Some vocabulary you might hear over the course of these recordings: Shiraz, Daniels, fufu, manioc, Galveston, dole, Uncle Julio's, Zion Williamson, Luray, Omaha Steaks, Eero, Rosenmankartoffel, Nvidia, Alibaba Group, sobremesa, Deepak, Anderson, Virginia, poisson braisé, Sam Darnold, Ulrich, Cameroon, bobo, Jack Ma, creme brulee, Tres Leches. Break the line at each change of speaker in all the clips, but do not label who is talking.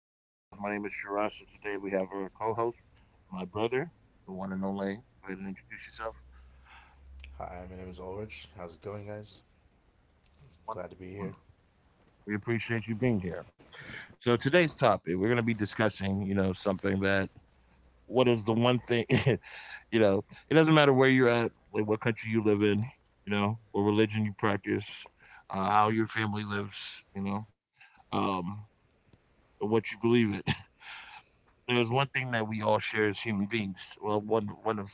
my podcast. My name is Shiraz, and today we have our co-host, my brother, the one and only. Go ahead and introduce yourself.
Hi, my name is Ulrich. How's it going, guys? Glad to
Wonderful,
be here.
wonderful. We appreciate you being here. So today's topic, we're going to be discussing, you know, something that what is the one thing, you know, it doesn't matter where you're at, what country you live in, you know, what religion you practice, how your family lives, you know, um, or what you believe in. There's one thing that we all share as human beings. Well, one of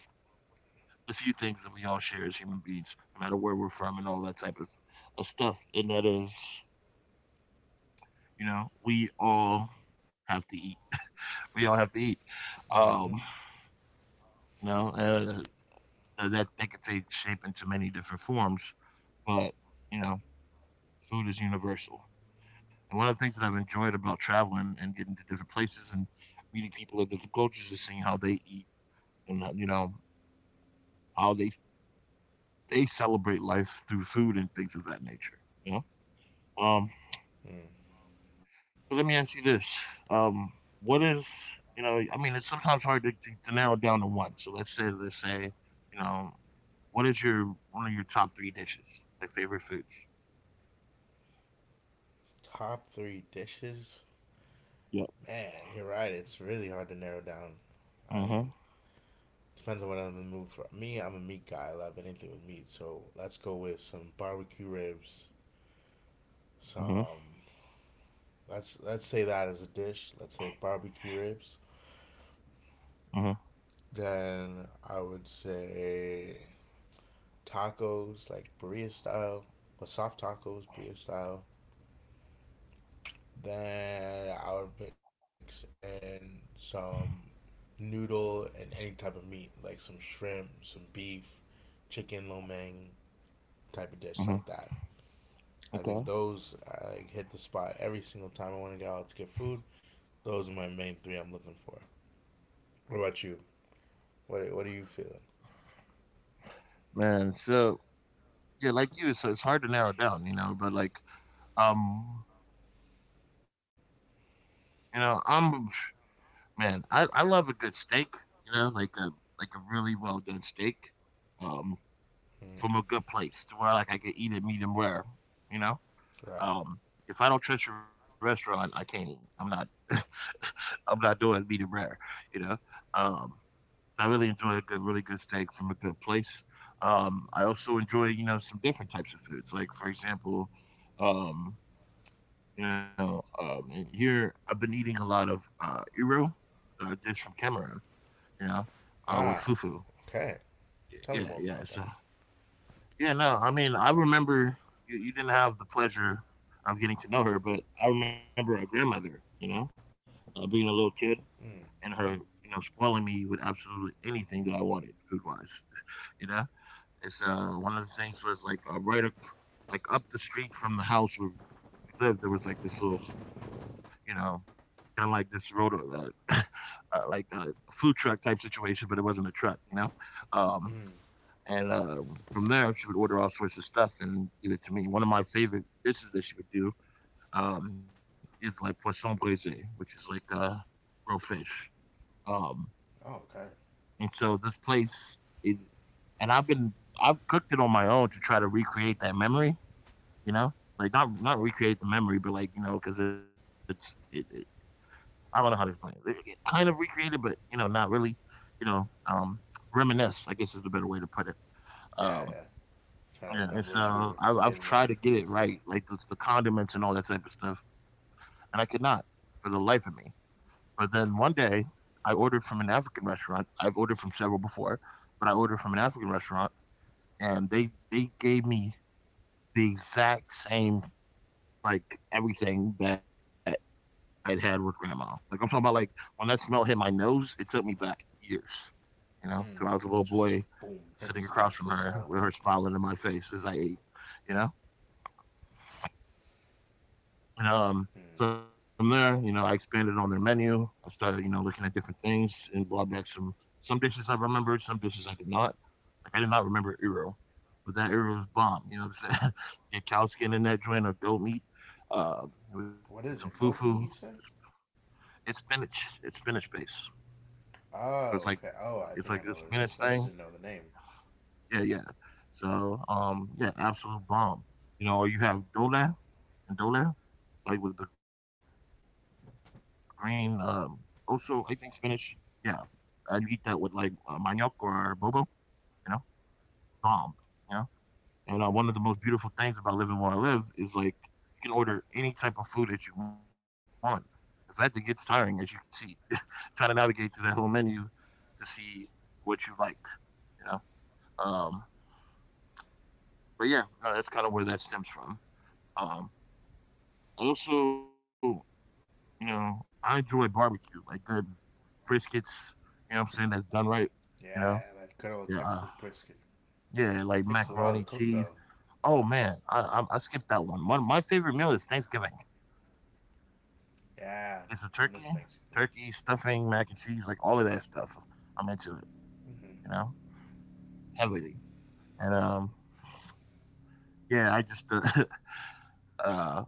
the few things that we all share as human beings, no matter where we're from and all that type of stuff. And that is, you know, we all have to eat. We all have to eat.
Mm-hmm.
Um, you know, uh, that can take shape into many different forms, but you know, food is universal. And one of the things that I've enjoyed about traveling and getting to different places and meeting people of different cultures is seeing how they eat and how they celebrate life through food and things of that nature. You know. Um,
Mm.
So let me ask you this: um, what is, it's sometimes hard to narrow it down to one. So let's say you know, what is your one of your top three dishes, like favorite foods?
Top three dishes?
Yep.
Man, you're right. It's really hard to narrow down. I mean,
Mhm.
depends on what I'm in the mood for. Me, I'm a meat guy. I love anything with meat. So let's go with some barbecue ribs.
Mhm.
Some let's say that as a dish. Let's say barbecue ribs.
Mhm.
Then I would say tacos, like burrito style, or soft tacos, burrito style. Then I would mix in some noodle and any type of meat, like some shrimp, some beef, chicken lo mein type of dish like
Mhm.
that. I
Okay.
think those I like, hit the spot every single time I want to go out to get food. Those are my main three I'm looking for. What about you? What are you feeling?
Man, so yeah, like you, so it's hard to narrow it down, you know. But like, um, you know, I'm man, I love a good steak, you know, like a really well done steak, um,
Mm.
from a good place to where like I could eat it medium rare, you know.
Right.
Um, if I don't trust your restaurant, I can't. I'm not. I'm not doing meat and rare. You know. Um, I really enjoy a good, really good steak from a good place. I also enjoy, you know, some different types of foods. Like for example, um, in here I've been eating a lot of iro, dish from Cameroon. You know,
Ah.
with fufu.
Okay.
Y-
Tell me more
Yeah,
about
yeah.
that.
So Yeah, no, I mean, I remember you didn't have the pleasure of getting to know her, but I remember our grandmother, you know, being a little kid
Mm.
and her, you know, spoiling me with absolutely anything that I wanted food wise, you know? It's one of the things was like up the street from the house where we lived, there was like this little, you know, kind of like this road, uh, like uh, food truck type situation, but it wasn't a truck, you know? Um,
Mm.
and From there, she would order all sorts of stuff and give it to me. One of my favorite dishes that she would do is like poisson braisé, which is like grilled fish. Um,
Oh, okay.
and so this place, it, and I've been I've cooked it on my own to try to recreate that memory. You know, like not not recreate the memory, but like you know, because it's it, it. I don't know how to explain it. It kind of recreated, but you know, not really. You know, reminisce, I guess, is the better way to put it. Um,
Yeah, yeah.
Yeah,
Trying to
it's
remember what you were
I've tried
getting
to get
out
it
from
right,
before.
like the condiments and all that type of stuff, and I could not for the life of me. But then one day, I ordered from an African restaurant. I've ordered from several before, but I ordered from an African restaurant, and they gave me the exact same, like everything that I'd had with grandma. Like I'm talking about, like when that smell hit my nose, it took me back years, you know, till I was a
Mm.
little boy
Just boom,
sitting
hits
across
you
from
back to the
her with
child.
her
Like,
smiling in my face as I ate, you know. um,
hmm,
from there, you know, I expanded on their menu. I started, you know, looking at different things and brought back some dishes I remembered, some dishes I did not. Like I did not remember Eero, but that Eero was bomb. You know what I'm saying? Get cow skin in that joint or goat meat uh, with some fufu.
what is it? Goat meat, you say?
It's spinach. It's spinach base. So it's like
Oh, okay.
it's like this
Oh, I think
spinach
I know what
thing.
it is. I just didn't know the name.
Yeah, yeah. So yeah, absolute bomb. You know, or you have dole and dole, like with the green. Also, I think spinach. Yeah, and you eat that with like manioc or bobo, you know, bomb, you know. And one of the most beautiful
Mm.
things about living where I live is like you can order any type of food that you want. In fact, it gets tiring, as you can see, trying to navigate through that whole menu to see what you like, you know. Um, but yeah, no, that's kind of where that stems from. Um, I also, you know, I enjoy barbecue, like good briskets, you know what I'm saying, that's done right, you know.
Yeah, that good
Yeah,
old
I,
Texas brisket.
Yeah, like
Takes a
macaroni,
while to cook,
cheese.
though.
Oh man, I skipped that one. One my favorite meal is Thanksgiving. It's a
Yeah,
turkey,
I miss
turkey
Thanksgiving.
stuffing, mac and cheese, like all of that stuff. I'm into it, you know,
Mm-hmm.
heavily. And yeah, I just uh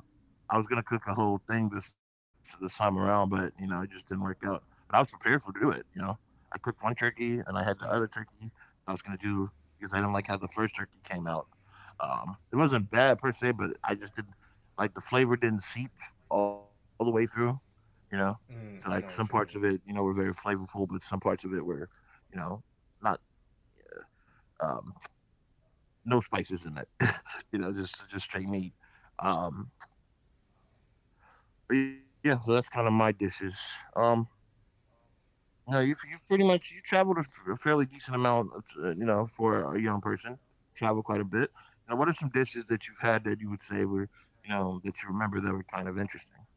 I was gonna cook a whole thing this time around, but you know, it just didn't work out. But I was prepared for do it. You know, I cooked one turkey and I had the other
Mm,
turkey I was gonna do because I didn't like how the first turkey came out. It wasn't bad per se, but I just didn't like the flavor didn't seep all the way through. You know, so like some parts of
I
it,
know
you know,
what you
were
mean.
very flavorful, but some parts of it were, you know, not um, no spices in it. You know, just straight meat.
Mm.
Um, but yeah, so that's kind of my dishes. Um, No, you pretty much, you traveled a fairly decent amount, you know, for a young person. Travel quite a bit. Now, what are some dishes that you've had that you would say were, you know, that you remember that were kind of interesting?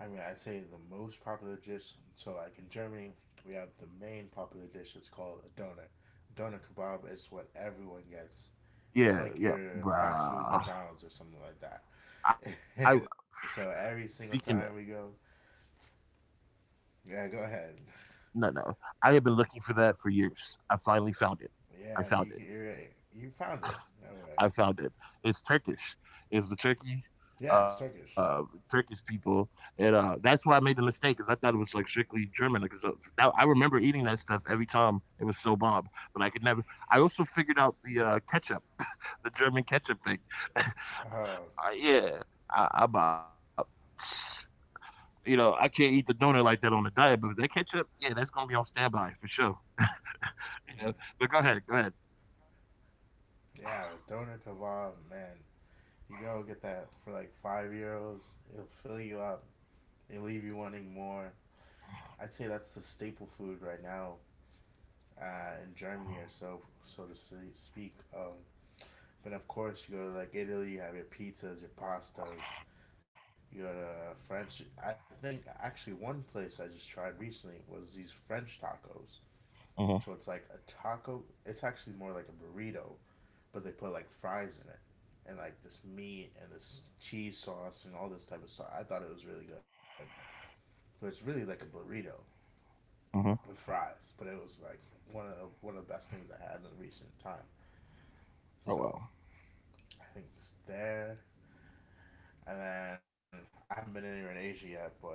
I mean, I'd say the most popular dish. So, like in Germany, we have the main popular dish. It's called a donut. Donut kebab is what everyone gets.
Yeah,
It's
yeah,
like your fast
bruh.
food McDonald's or something like that.
I
So every
speaking of,
single time we go, yeah, go ahead.
no, I have been looking for that for years. I finally found it. I found
Yeah,
it.
you're right. You found it. All
I
right.
found it. It's Turkish. It's the Turkey,
Yeah,
uh,
it's Turkish.
Turkish people, and that's where I made the mistake because I thought it was like strictly German. Because I remember eating that stuff every time. It was so bomb, but I could never. I also figured out the ketchup, the German ketchup thing.
Oh,
Yeah, I about. You know, I can't eat the donut like that on the diet, but that ketchup, yeah, that's gonna be on standby for sure. You know, but
mm.
go ahead.
Yeah, the donut kebab, man. You go get that for like €5. It'll fill you up. They leave you wanting more. I'd say that's the staple food right now in Germany or so, so to say, speak. But of course, you go to like Italy, you have your pizzas, your pastas. You go to French. I think actually one place I just tried recently was these French tacos.
Uh
So
huh.
it's like a taco. It's actually more like a burrito, but they put like fries in it, and like this meat and this cheese sauce and all this type of stuff. I thought it was really good, but it's really like a burrito,
Uh huh.
with fries, but it was like one of the best things I had in recent time.
Oh
So
well.
I think it's there. And then I haven't been anywhere in Asia yet, but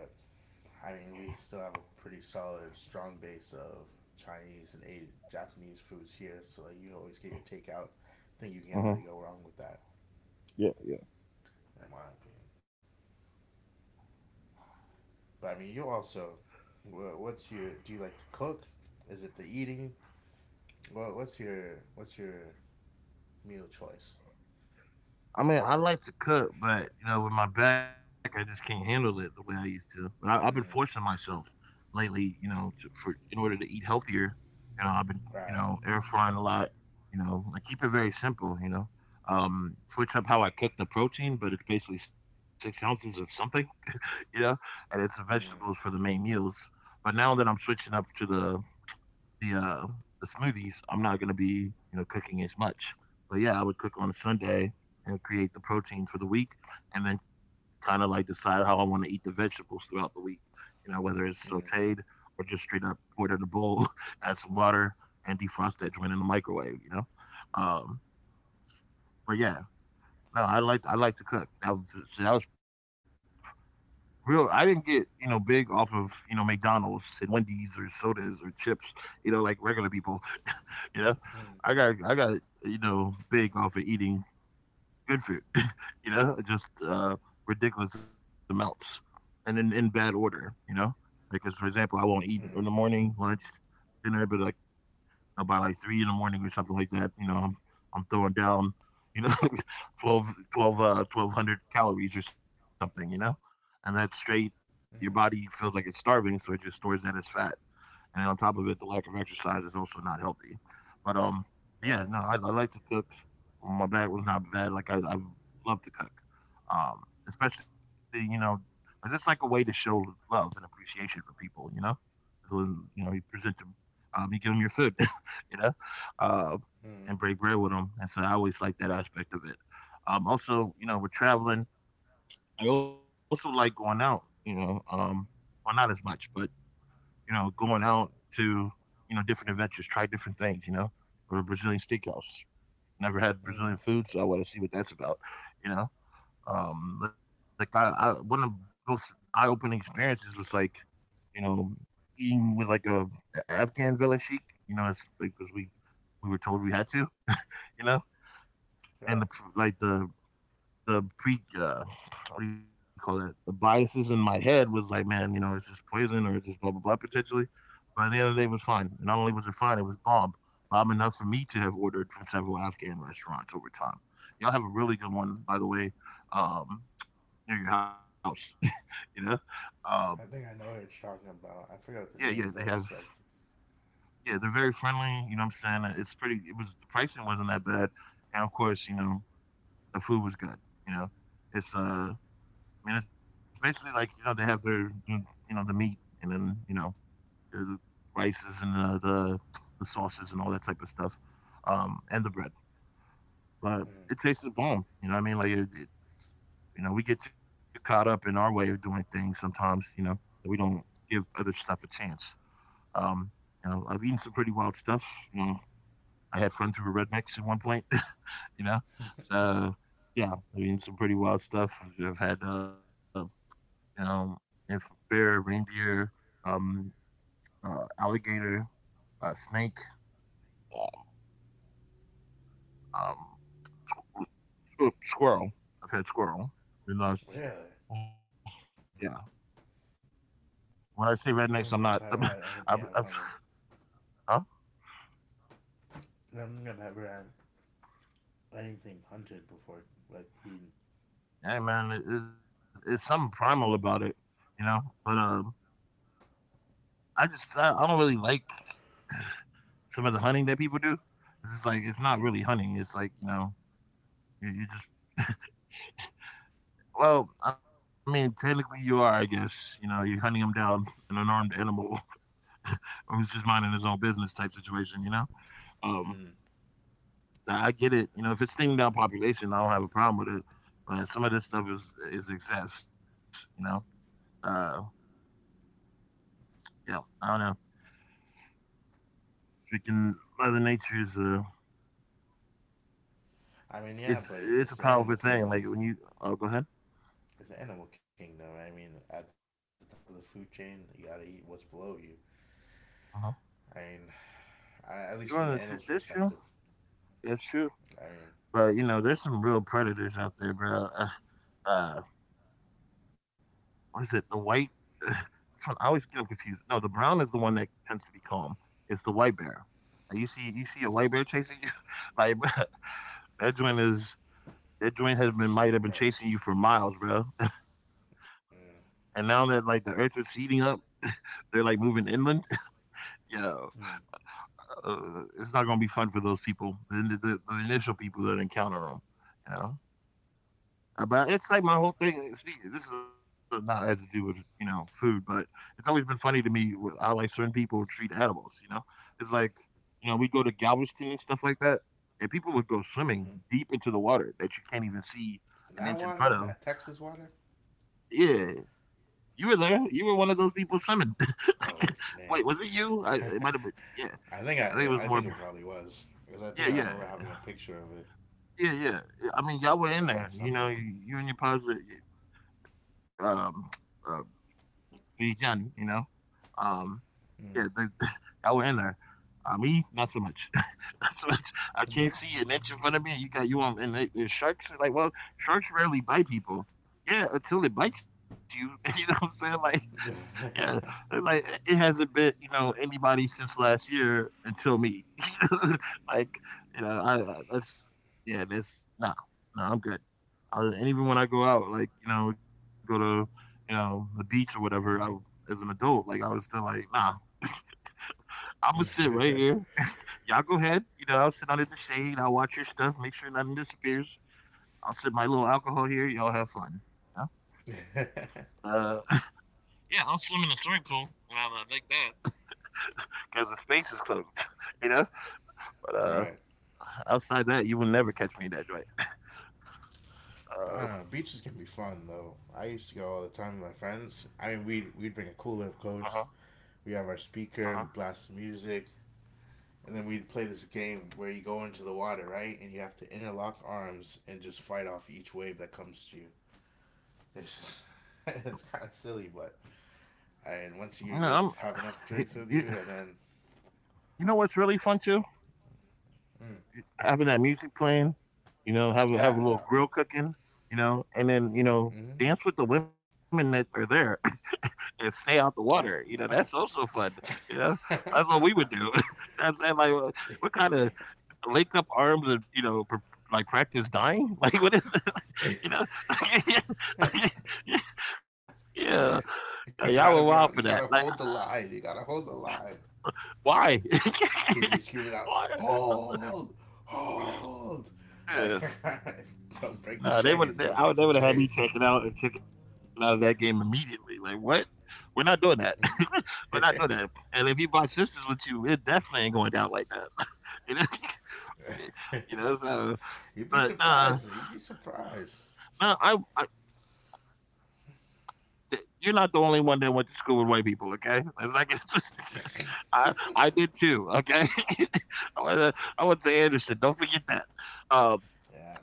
I mean we still have a pretty solid, strong base of Chinese and Japanese foods here. So like you always get your takeout. I think you
Uh
can't
huh.
really go wrong with that,
Yeah. Yeah.
in my opinion. But I mean, you also, what's your? Do you like to cook? Is it the eating? Well, what's your meal choice?
I mean, I like to cook, but you know, with my back, I just can't handle it the way I used to. But I've been forcing
Mm,
myself lately, you know, for in order to eat healthier. You know, I've been, you know,
right.
air frying a lot. You know, I keep it very simple. You know, switch up how I cook the protein, but it's basically 6 ounces of something. You know, and it's the vegetables for the
Mm,
main meals. But now that I'm switching up to the uh, the smoothies, I'm not gonna be you know cooking as much. But yeah, I would cook on a Sunday and create the protein for the week, and then kind of like decide how I want to eat the vegetables throughout the week. You know, whether it's
mm,
sautéed or just straight up poured in a bowl, add some water, and defrost that joint in the microwave. You know, um, but yeah, no, I like to cook. That was So that was real. I didn't get you know big off of you know McDonald's and Wendy's or sodas or chips. You know, like regular people. You know,
mm, mm,
I got you know big off of eating good food. You know, just ridiculous amounts, and in bad order. You know, because for example, I won't eat
mm.
in
Mm,
the morning, lunch, dinner, but like about like 3 in the morning or something like that. You know, I'm throwing down. You know, 12 12 1200 calories or something, you know, and that's straight.
mm,
Your
mm,
body feels like it's starving, so it just stores that as fat and on top of it, the lack of exercise is also not healthy. But yeah,
right.
no, I like to cook. My bag was not bad. Like I love to cook. Especially it's just like a way to show love and appreciation for people. You know, when you know you present them, you give them your food. you know, uh,
Mm,
and break bread with them. And so I always like that aspect of it. Also, you know, with traveling. I also like going out. You know, well, not as much, but you know, going out to, you know, different adventures, try different things, you know, or a Brazilian steakhouse. Never
mm,
had Brazilian food, so I want to see what that's about, you know. Like I one of the most eye-opening experiences was like, you know, eating with like a Afghan village sheik, you know, it's because we were told we had to, you know,
right.
and the pr- like the pre what do you call it? The biases in my head was like, man, you know, it's just poison or it's just blah blah blah potentially. But at the end of the day, it was fine. And not only was it fine, it was bomb. Bomb enough for me to have ordered from several Afghan restaurants over time. Y'all have a really good one, by the way, um, near your house. you know, um,
I think I know what you're talking about. I forgot the
yeah,
name,
yeah,
but
they
it's
have.
like,
Yeah, they're very friendly. You know what I'm saying? It's pretty. It was the pricing wasn't that bad, and of course, you know, the food was good. You know, it's mean, it's basically like you know they have their you know the meat and then you know the rices and the sauces and all that type of stuff, and the bread. But it
mm,
tasted bomb. You know, what I mean, like you know, we get too caught up in our way of doing things sometimes. You know, that we don't give other stuff a chance. Um, you know, I've eaten some pretty wild stuff. You know, I had friends who were rednecks at one point. You know, so yeah, I've eaten some pretty wild stuff. I've had um, if bear, reindeer, um, alligator, snake, um, um, squirrel. I've had squirrel, and that's
really?
oh,
I
yeah. When I say
don't think
rednecks,
I've
I'm not.
ever had anything I've hunted.
I'm huh?
I don't think I've ever had anything hunted before, like eaten.
Hey man, it's something primal about it, you know. But I just I don't really like some of the hunting that people do. It's just like it's not really
Mm,
hunting. It's like you know you just Well, I mean, technically you are, I guess. You know, you're hunting him down, an unarmed animal who's just minding his own business type situation, you know? Um,
mm.
so I get it. You know, if it's thinning down population, I don't have a problem with it. But some of this stuff is excess, you know? Uh, yeah, I don't know. Freaking Mother Nature is
I
it's,
mean, yeah,
it's
but
a
it's
powerful
the
thing.
animal
Like when
kingdom.
you, oh, go ahead.
It's the animal kingdom. I mean, at the top of the food chain, you gotta eat what's below you.
Uh-huh.
I mean, I, at least from an
Jordan,
animal's
that's
perspective,
true. That's true.
I mean,
But, you know, there's some real predators out there, bro. Uh, or is it the white? I always get them confused. No, the brown is the one that tends to be calm. It's the white bear. Like, you see a white bear chasing you. Like that joint is that joint has been
say
might
your
have been chasing
prayers.
you for miles, bro.
Mm.
And now that like the earth is heating up, they're like moving inland. Yeah,
Mm.
it's not gonna be fun for those people, the initial people that encounter them. You know. But it's like my whole thing. This is not has to do with you know food, but it's always been funny to me with how like certain people treat animals. You know, it's like you know we go to Galveston and stuff like that, and people would go swimming
Mm-hmm.
deep into the water that you can't even see
And
an
that
inch in
water,
front of.
that Texas water.
Yeah, you were there. You were one of those people swimming.
Oh wait,
Wait, was it
damn.
you? It might have been. Yeah,
I
I
think
think it was
I
more.
think it probably was because I
Yeah,
think I
yeah,
remember having a picture of it
yeah, yeah, yeah, I mean, y'all were in there.
doing
You know,
something.
you and your pops, um, uh, vegan. You know. Um,
Mm.
yeah, they, y'all were in there. Me, not so much. Not so much. I can't see an inch in front of me. You got you on, and the sharks are like, well, sharks rarely bite people. Yeah, until it bites you. You know what I'm saying? Like, yeah, it's like it hasn't bit you know anybody since last year until me. You know? Like, you know, I that's yeah, that's no, no, I'm good. I, and even when I go out, like you know, we go to you know the beach or whatever, I as an adult, like I was still like, nah, I'ma sit right here. Y'all go ahead. You know, I'll sit under the shade. I'll watch your stuff, make sure nothing disappears. I'll sip my little alcohol here. Y'all have fun. Yeah. Uh, yeah, I'll swim in a swimming pool when I like that because the space is closed. You know. But
Right.
outside that, you will never catch me in that joint.
But I don't know.
Uh
Beaches can be fun though. I used to go all the time with my friends. I mean, we'd
huh.
bring a cooler, of course. We have our
Uh huh.
speaker. We blast music. And then we'd play this game where you go into the water, right? And you have to interlock arms and just fight off each wave that comes to you. It's just, it's kind of silly, but and once you
No,
get have enough
I'm. You,
drinks with
you,
you, and then
you know what's really fun too? Having that music playing, you know, have a
yeah,
little grill cooking, you know, and then, you know,
yeah,
dance with the women that are there and stay out the water. You know, that's also fun. You know,
mm-hmm.
that's what we would do. I'm saying like
Yeah.
we kind of link up arms and you know like practice dying. Like what is it? You know?
You
Yeah,
gotta be out. You
yeah,
gotta
y'all
hold
were
the
wild for
line. You
that. Like
gotta hold the line.
why?
You be screaming out,
Why?
hold, hold, like
Yeah.
don't break the chain, don't
No,
break
they
the
would. I would. They would have had me taken out and taken out of that game immediately. Like what? We're not doing that.
chain.
We're not doing that. And if you bought sisters with you, it definitely ain't going down like that. You know. You know. So,
You'd be
but
surprised. You'd be
nah,
surprised.
no. You're not the only one that went to school with white people. Okay. Let's not get it twisted. I did too. Okay. I went to I went to Anderson. Don't forget that. Um.
Yeah.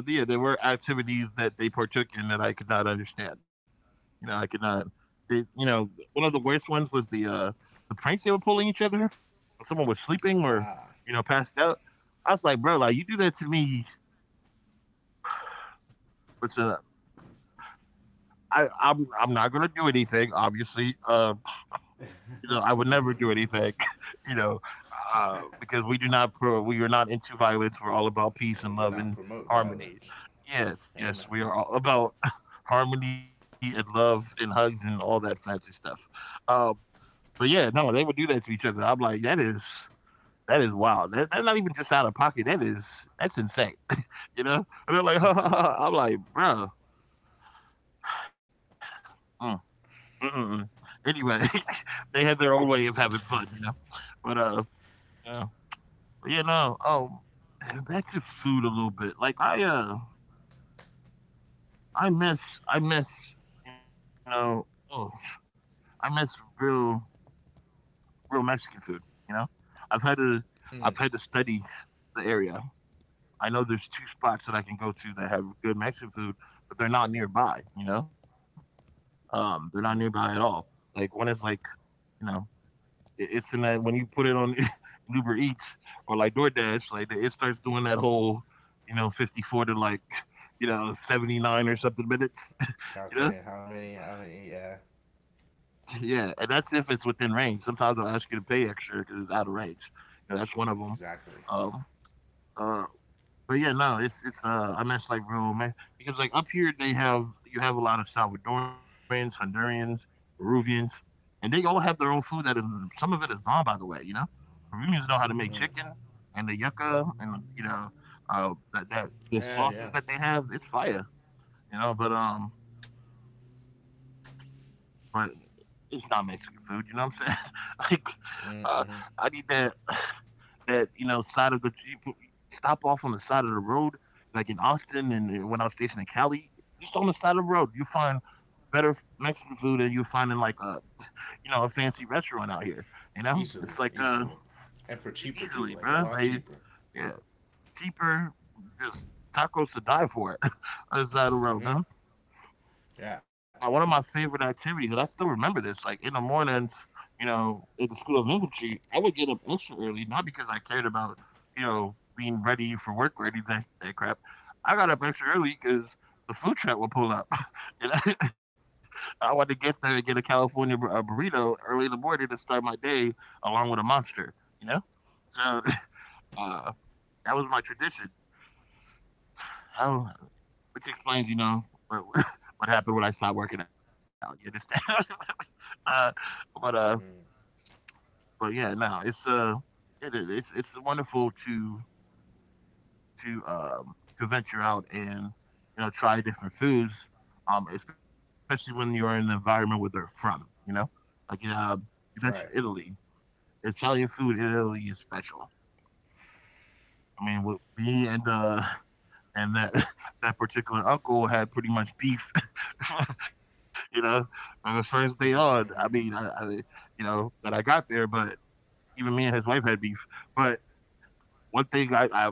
But yeah, so yeah, there were activities that they partook in that I could not understand. You know, I could not. You know, one of the worst ones was the pranks they were pulling each other. When someone was
Ah.
sleeping or you know passed out. I was like, bro, like you do that to me. But I'm not gonna do anything, obviously. You know, I
For
would
legal
never do
reasons.
anything, you know,
And
because we are not into violence. We're all about peace
we
and
do
love
not
and
promote
harmony.
violence.
Yes, yes,
Amen.
we are all about harmony and love and hugs and all that fancy stuff. Um, but yeah, no, they would do that to each other. I'm like, that is wild. That's not even just out of pocket. That's insane. You know, and they're like, ha, ha, ha. I'm like, bro. Mm, mm, mm, mm. Anyway, they had their own way of having fun, you know. But yeah. You know, back to food a little bit. Like I miss, you know, oh, I miss real real Mexican food, you know? I've had to I've
Mm,
had to study the area. I know there's two spots that I can go to that have good Mexican food, but they're not nearby, you know? They're not
mm.
nearby at all. Like one is like, you know, it's in that when you put it on Uber Eats or like DoorDash, like it starts doing that whole, you know, 54 to like, you know, 79 or something minutes, you
Calculating
know?
how many, yeah.
Yeah. And that's if it's within range. Sometimes they'll ask you to pay extra because it's out of range. You know, that's one of them.
Exactly.
Um, uh, But yeah, no, it's I miss like real man because like up here they have you have a lot of Salvadorians, Hondurans, Peruvians, and they all have their own food that is some of it is bomb by the way, you know. Peruvians know how to make
Mm.
chicken and the yucca, and that the
Yeah, yeah.
sauces that they have, it's fire, you know, but um but it's not Mexican food, you know what I'm saying? Like uh I need that
Mm, hmm.
that, you know, side of the Jeep. Stop off on the side of the road, like in Austin, and when I was stationed in Cali, just on the side of the road, you find better Mexican food than you find in like a fancy restaurant out here. You know,
Easily,
it's like
easily. And for cheaper, too.
easily,
Like, a
bro.
lot
Like,
cheaper.
yeah, cheaper, just tacos to die for on the side of the road,
Mm-hmm.
man.
Yeah.
Now, one of my favorite activities, and I still remember this, like in the mornings, you know, at the School of Infantry, I would get up extra early, not because I cared about, you know, being ready for work or any of that crap. I got up extra early because the food truck would pull up. And I wanted to get there and get a California a burrito early in the morning to start my day along with a monster, you know? So uh, that was my tradition. I don't Which explains, you know, what what happened when I stopped working out. You understand? uh, but uh,
Mm.
but yeah, no, it's it is it's wonderful to to um to venture out and try different foods, especially when you're in the environment where they're from. You know, like, you mentioned
Right.
Italy. Italian food in Italy is special. I mean, with me and that that particular uncle had pretty much beef, you know, on the
Mm-hmm.
first day
Mm-hmm.
on. I mean, I you know that I got there, but even me and his wife had beef. But one thing I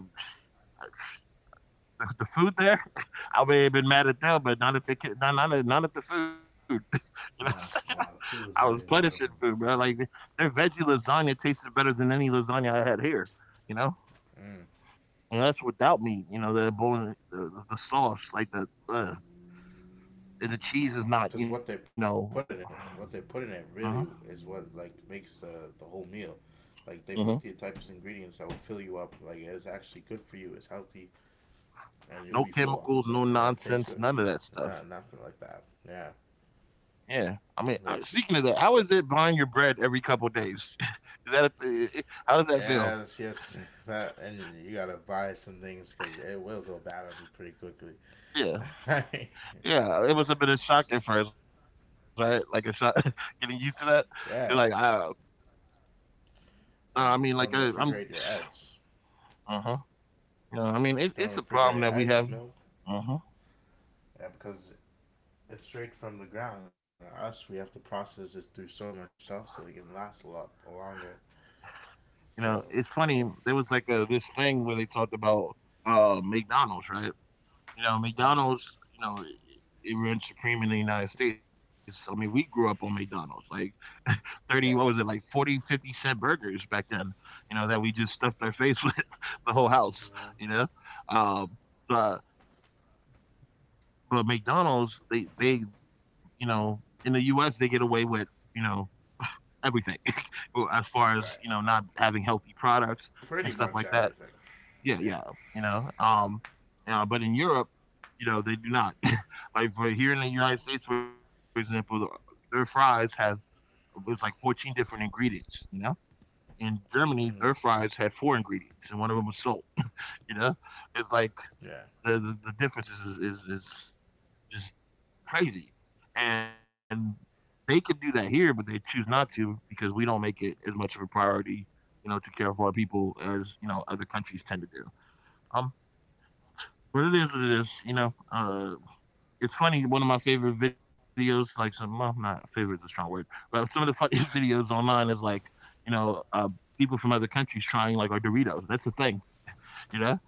the food there, I may have been mad at them, but not at the kid, not at the food. You know what I'm saying?
No. Yeah,
I
the
was
food was
punishing
amazing,
food,
wasn't
bro.
it?
Like, their veggie lasagna tasted better than any lasagna I had here. You know, and that's without meat. You know, the bowling, the sauce, like the. And the cheese is not, you
Because
know.
what they put in it in
Mhm.
really is what like makes the whole meal. Like they
Mhm.
put the types of ingredients that will fill you up. Like it is actually good for you. It's healthy, and you'll
No
be full off of
chemicals,
it,
no
and it'll taste good.
nonsense, none of that
Yeah,
stuff.
nothing like that. Yeah,
Yeah, I mean, speaking of that, how
which
is it buying your bread every couple of days? Is that how does that feel?
yeah, that's that, and you gotta buy some things because it will go bad on you pretty quickly.
Yeah, yeah, it was a bit of shock at first, right? Like, a shock, getting used to that. You're like,
Yeah,
I mean, like,
and don't refrigerate your eggs.
uh huh. You know, I mean, it's a
Don't
problem that
refrigerate
we have.
eggs, milk,
Uh huh.
yeah, because it's straight from the ground. Us, we have to process this through so much stuff so it can last a lot longer.
You know,
So,
it's funny. There was like a this thing where they talked about McDonald's, right? You know,
mm,
McDonald's, you know, it runs supreme in the United States. I mean, we grew up on McDonald's, like, 30, what was it,
yeah.
like, 40, 50-cent burgers back then, you know, that we just stuffed our face with the whole house, you
Mm-hmm.
know? Um, but, McDonald's, you know, in the US, they get away with, you know, everything. Well, as far as,
Right,
you know, not having healthy products and
pretty
stuff
much
like that.
everything.
Yeah,
Yeah,
yeah, you know, but in Europe, you know, they do not. Like, for here in the United States, for example, their fries have, it's like, 14 different ingredients, you know? In Germany,
mm,
their fries had four ingredients, and one of them was salt, you know? It's like,
yeah,
the differences is just crazy. And they could do that here, but they choose not to because we don't make it as much of a priority, you know, to care for our people as, you know, other countries tend to do. Um, But it is what it is, you know. It's funny. One of my favorite videos, like, some, well, not favorite is a strong word, but some of the funniest videos online is, like, you know, people from other countries trying like our Doritos. That's the thing, you know,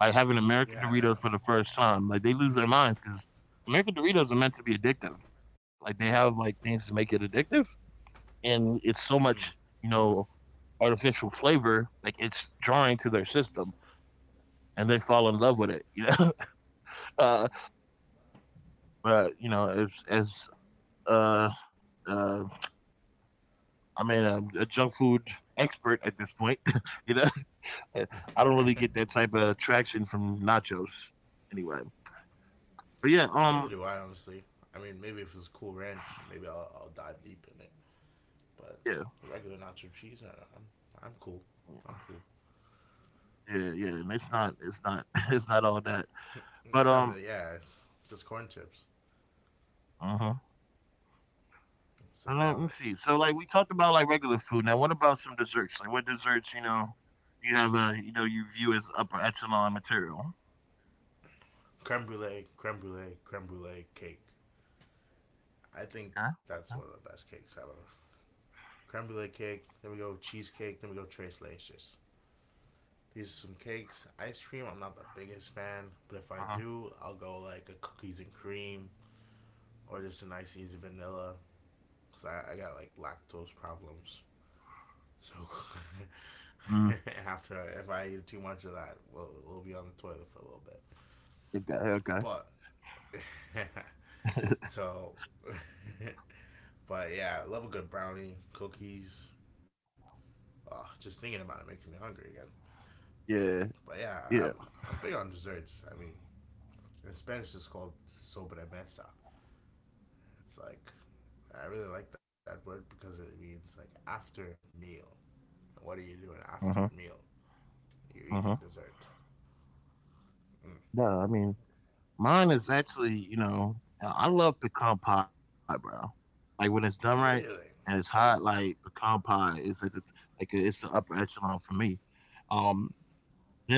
like, having American
yeah,
Doritos for the first time, like, they lose their minds, because American Doritos are meant to be addictive. Like, they have like things to make it addictive, and it's so
yeah.
much, you know, artificial flavor. Like, it's jarring to their system, and they fall in love with it. You know, uh, but, you know, uh, I mean, a junk food expert at this point, you know, I
Mm.
don't really get that type of traction from nachos anyway. But yeah,
Neither do I, honestly. I mean, maybe if it's a cool ranch, maybe I'll dive deep in it. But
yeah,
the regular nacho cheese, I'm I'm cool.
yeah,
I'm cool.
yeah, yeah, and it's not, it's not all that. But
It's not that, yeah. It's just corn chips,
uh-huh. And let me
some
see. So,
powder,
like, we talked about like regular food. Now what about some desserts? Like, what desserts, you know, you have you know, you view as upper echelon material?
creme brulee, creme brulee, creme brulee cake.
Okay.
I
Okay.
think that's one of the best cakes ever. Creme brulee cake. Then we go cheesecake. Then we go Tres Leches. These are some cakes. Ice cream. I'm not the biggest fan, but if I
Uh-huh.
do, I'll go like a cookies and cream or just a nice easy vanilla. Cause I got like lactose problems. So
Mm.
after if I eat too much of that, we'll be on the toilet for a little bit.
Okay.
But
Okay.
so, but yeah, I love a good brownie, cookies. Oh, just thinking about it making me hungry again.
Yeah.
But yeah, I'm,
Yeah.
I'm big on desserts. I mean, in Spanish it's called sobremesa. It's like, I really like that word because it means like after meal. And what are you doing
Uh
after
huh.
your meal? You're
Uh
eating
huh.
dessert. Mm.
No, I mean, mine is actually, you know, I love pecan pie, bro. Like, when it's done right
Really?
and it's hot, like, pecan pie is like the, like it's the upper echelon for me. Um,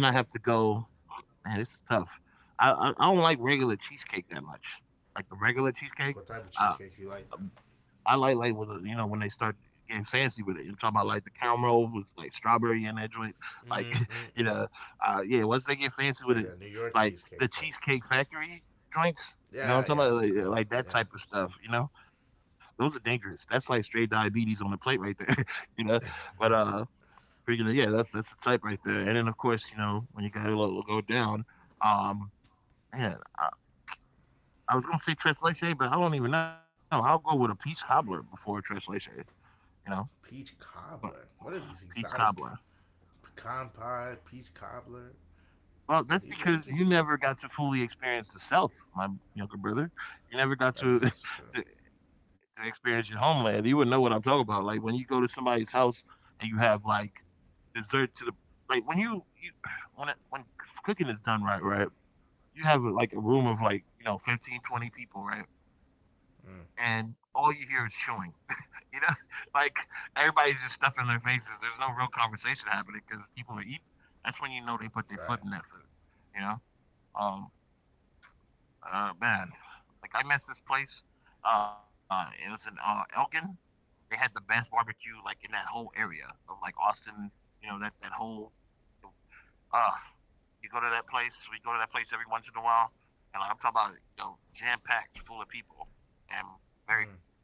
then I have to go. Man, it's tough. I don't like regular cheesecake that much. Like, the regular cheesecake.
What type of
Uh,
cheesecake you like
I
then?
like with you know, when they start getting fancy with it. You're talking about, like, the caramel with like strawberry in that joint, like,
Mm,
you
mm,
know,
mm.
yeah. Once they get fancy with it,
It's like that New
like
York
the
cheesecake type.
Cheesecake Factory joints, you know, what I'm
Yeah,
talking
yeah,
about,
I
like that type of
know,
stuff. You know, those are dangerous. That's like straight diabetes on the plate right there. You know, but
yeah.
freaking yeah, that's the type right there. And then, of course, you know, when you gotta go down, um, man, I was gonna say tres leche, but I don't even know. I'll go with a peach cobbler before a tres leche, you know.
Peach
But
cobbler. What are these
peach cobbler.
exotic pecan pie, peach cobbler?
Well, that's
These are
because you
interesting.
never got to fully experience the South, my younger brother. You never got to
That is also true.
to experience your homeland. You wouldn't know what I'm talking about. Like, when you go to somebody's house and you have like dessert to the, like, when you when cooking is done right, right, you have like a room of, like, you know, 15, 20 people, right, and
Mm,
all you hear is chewing. You know, like, everybody's just stuffing their faces. There's no real conversation happening because people are eating. That's when you know they put their foot in
right.
that food. You know, um, man, like, I missed this place. It was in Elgin. They had the best barbecue, like, in that whole area of, like, Austin. You know that that whole. Uh, you go to that place. We go to that place every once in a while, and I'm talking about, you know, jam packed full of people and very
Mm,
quiet.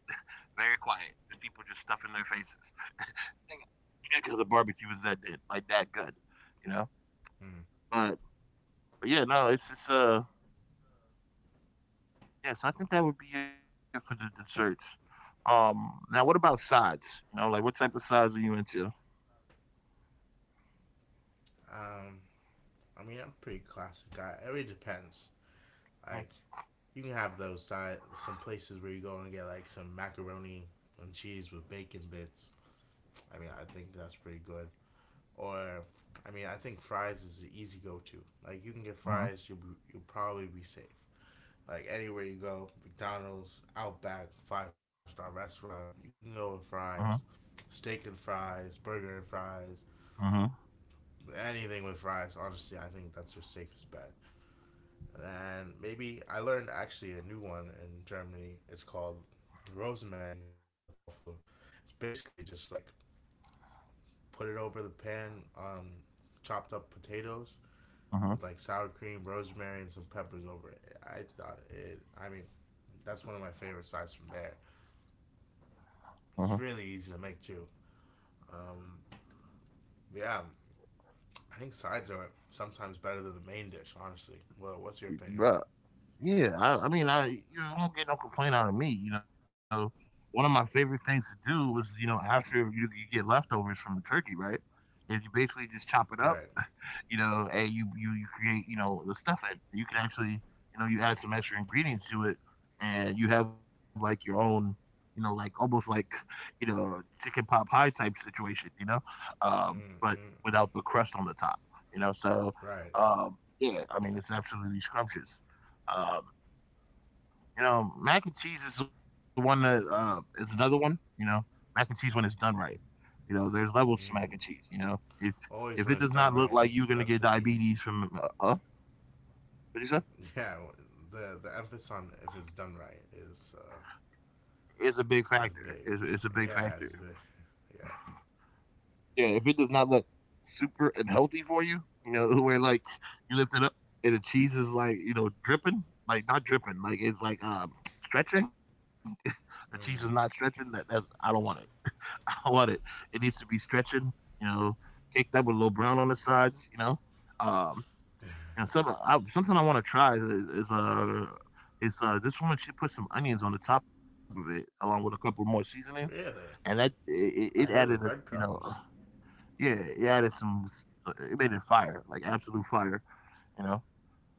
Very quiet. Just people just stuffing their faces. Because the barbecue was that day, like, that good, you know.
mm.
But but yeah, no, it's just yeah. So I think that would be it for the desserts. Now what about sides? You know, like, what type of sides are you into?
Um, I mean, I'm a pretty classic guy. It really depends.
Uh
Like, you can have those side some places where you go and get like some macaroni and cheese with bacon bits. I mean, I think that's pretty good. Or, I mean, I think fries is the easy go-to. Like, you can get
huh.
fries. You'll probably be safe. Like anywhere you go, McDonald's, Outback, five star restaurant, you can go with
Uh
fries,
huh.
steak and fries, burger and fries,
Uh huh.
anything with fries. Honestly, I think that's your safest bet. And maybe I learned actually a new one in Germany. It's called Rosenmankartoffel. It's basically just like put it over the pan, chopped up potatoes with
Uh
like sour cream, rosemary, and some peppers over it. I thought it. I mean, that's one of my favorite sides from there.
huh.
It's really easy to make too. Um, yeah, I think sides are sometimes better than the main dish. Honestly, well, what's your
Uh
opinion on
huh. Yeah, I mean, I, you know, I don't get no complaint out of me. You know, one of my favorite things to do was, you know, after you get leftovers from the turkey, right? Is you basically just
it?
chop
All
it
right.
up, you know, and you create, you know, the stuff that you can actually, you know, you add some extra ingredients to it, and you have like your own, you know, like almost like you know, chicken pot pie type situation, you know, but
Mm-mm.
without the crust on the top, you know. So
Right.
yeah, I mean, it's absolutely scrumptious. Um, you know, mac and cheese is the one that is another one. You know, mac and cheese, when it's done right. You know, there's levels to mac
Mm.
and cheese. You know,
Always when
if it
it's
does
done
not
right,
look
it's
like you're
that's
gonna
the
get
key.
diabetes from what you say,
Yeah, the emphasis on if it's done right
it's a big
is
factor.
big.
It's a big
Yeah,
factor.
it's big. Yeah.
Yeah, if it does not look super and healthy for you, you know, where, like, you lift it up, and the cheese is, like, you know, dripping, like, not dripping, like, it's like stretching. The cheese is not
Mm.
stretching. That that's I don't want it. I don't want it. It needs to be stretching, you know, caked up with a little brown on the sides, Um, and something I want to try is, is uh is this woman, she put some onions on the top of it along with a couple more seasonings,
Really,
and that it
I heard the
added a
breadcrumbs.
yeah, it added some, it made it fire, like absolute fire, you know.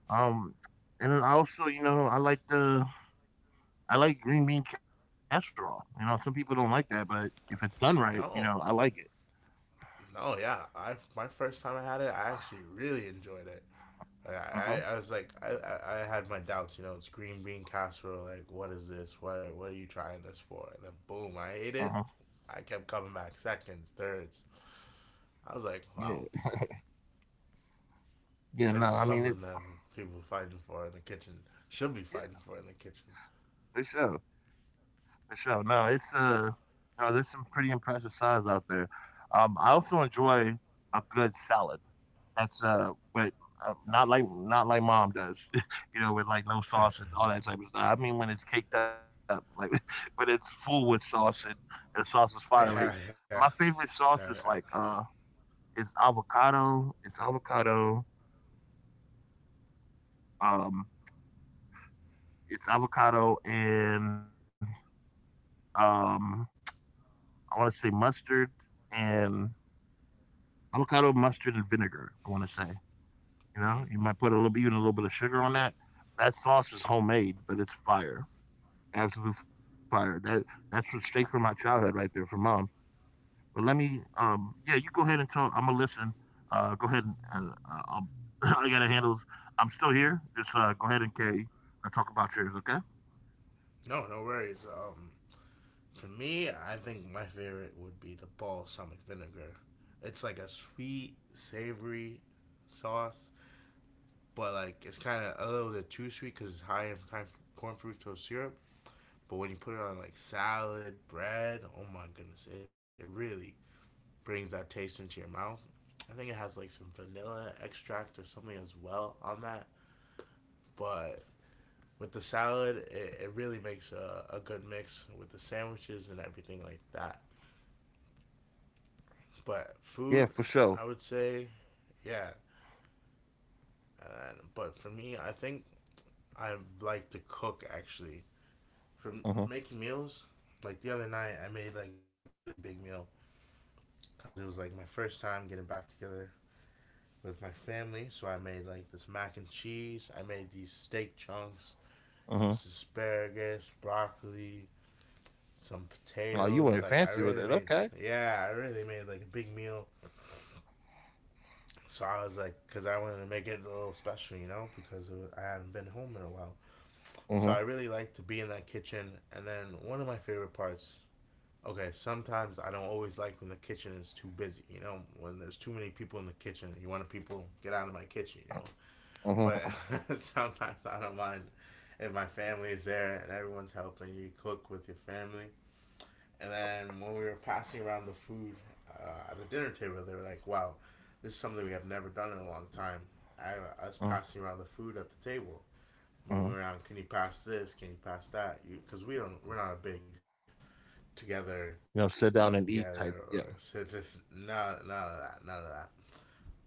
Um, and then I also, you know, I like the I like green bean casserole. You know, some people don't like that, but if it's done right, you know, I
No,
like it.
no, yeah. I my first time I had it, I actually really enjoyed it.
Uh huh.
I was like, I had my doubts. You know, it's green bean casserole. Like, what is this? What are you trying this for? And then boom,
Uh
I
huh.
ate it. I kept coming back seconds, thirds. I was like,
Yeah,
wow,
yeah, no,
this
I
is
mean it.
something that people fighting for in the kitchen should be fighting
Yeah,
for in the kitchen.
for sure, for sure. No, it's no, there's some pretty impressive sides out there. I also enjoy a good salad. That's but Not like mom does, you know, with like no sauce and all that type of stuff. I mean, when it's caked up, like when it's full with sauce, and the sauce is fire. Like
Yeah,
my
yeah.
favorite sauce is
That, I,
it's avocado. It's avocado. Um, it's avocado and um I want to say mustard and avocado, mustard, and vinegar. I want to say, you know, you
mm.
might put a little bit, even a little bit of sugar on that. That sauce is homemade, but it's fire, absolute fire. That's from- straight from my childhood, right there, from mom. But let me, yeah, you go ahead and tell. I'm gonna listen. Go ahead and I'll, I gotta handle this. I'm still here. Just go ahead and carry. Talk about yours, okay?
No, no worries. For me, I think my favorite would be the balsamic vinegar. It's like a sweet, savory sauce but like it's kind of a little bit too sweet because it's high in kind corn fructose syrup. But when you put it on like salad, bread, oh my goodness, it really brings that taste into your mouth. I think it has like some vanilla extract or something as well on that. But with the salad, it really makes a good mix with the sandwiches and everything like that. But
Yeah,
food,
for sure.
I would say, yeah. But for me, I think I like to cook actually. For
Uh
making
huh.
meals. Like the other night, I made like a really big meal because it was like my first time getting back together with my family. So I made like this mac and cheese. I made these steak chunks, this
Uh huh.
asparagus, broccoli, some
Oh, you
potatoes.
went
Like I
fancy with
really
it.
made,
Okay.
yeah, I really made like a big meal. So I was like, because I wanted to make it a little special, you know, because it was, I hadn't been home in a while. So I
Uh
really
huh.
like to be in that kitchen. And then one of my favorite parts, okay, sometimes I don't always like when the kitchen is too busy, you know, when there's too many people in the kitchen, you want to people get out of my kitchen, you know.
Uh huh.
But sometimes I don't mind if my family is there and everyone's helping you cook with your family. And then when we were passing around the food at the dinner table, they were like, wow, this is something we have never done in a long time. I, I was
Uh
passing around the food at the table,
huh.
moving around. Can you pass this? Can you pass that? Because we don't, we're not a big
You
together,
know, sit
eat
down and eat
together,
type.
or
Yeah.
so just none of that, none of that.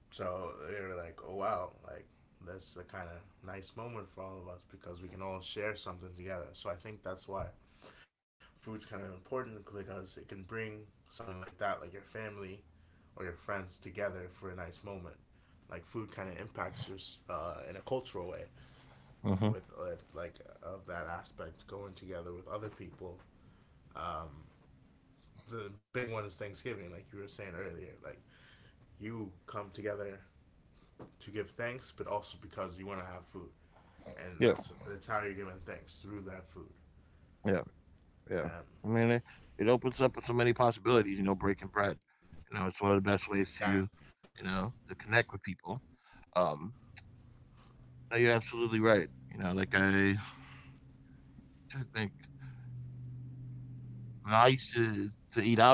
So they were like, oh wow, like that's a kind of nice moment for all of us because we can all share something together. So I think that's why food's kind of important because it can bring something like that, like your family or your friends together for a nice moment. Like food kind of impacts your in a cultural way
Hmm.
with like of that aspect going together with other people. Um, the big one is Thanksgiving, like you were saying earlier. Like you come together to give thanks, but also because you want to have food,
Yeah.
and that's how you're giving thanks through that food.
Yeah. Yeah. I mean, it,
Um,
it opens up so many possibilities, you know, breaking bread. You know, it's one of the best ways to,
exactly.
you know, to connect with people. Um, no, you're absolutely right. You know, like I trying to think. And I used to eat out a lot,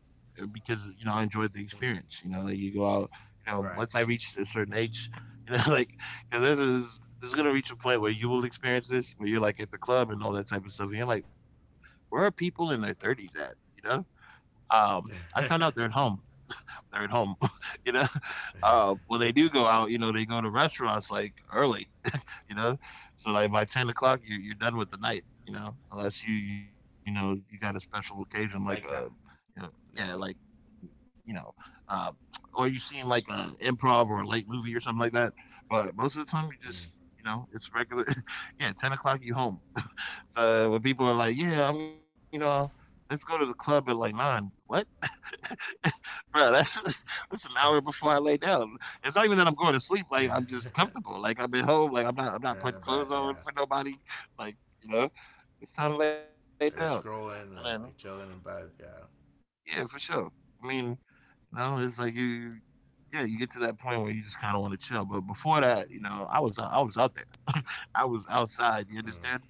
because you know I enjoyed the experience.
Mm,
You know, like you go out. You know, once
right.
I reached a certain age, you know, like because this is there's gonna reach a point where you will experience this, where you're like at the club and all that type of stuff. And you're like, where are people in their thirties at? You know, I found out they're at home. They're at home. You know, when they do go out, you know, they go to restaurants like early, you know? So, like, by 10 o'clock, you're done with the night, you know? Unless you, you know, you got a special occasion, like, you know,
Nightcap.
yeah, like,
Yeah.
you know, uh, or you seen like an improv or a late movie or something like that. But most of the time, you just,
Mm.
you know, it's regular. Yeah, 10 o'clock, you home. So, when people are like, yeah, I'm, you know, let's go to the club at like nine. What? Bro, that's that's an hour before I lay down. It's not even that I'm going to sleep. Like I'm just comfortable. Like I'm at home. Like I'm not. I'm not
You're in
putting
a
clothes
bed.
on
Yeah.
for nobody. Like, you know, it's time to lay down. And
Maybe
then
scrolling or like chilling in bed. Yeah.
yeah, for sure. I mean, you know, it's like Yeah, you get to that point where you just kind of want to chill. But before that, you know, I was out there. I was outside. You
Mm.
understand?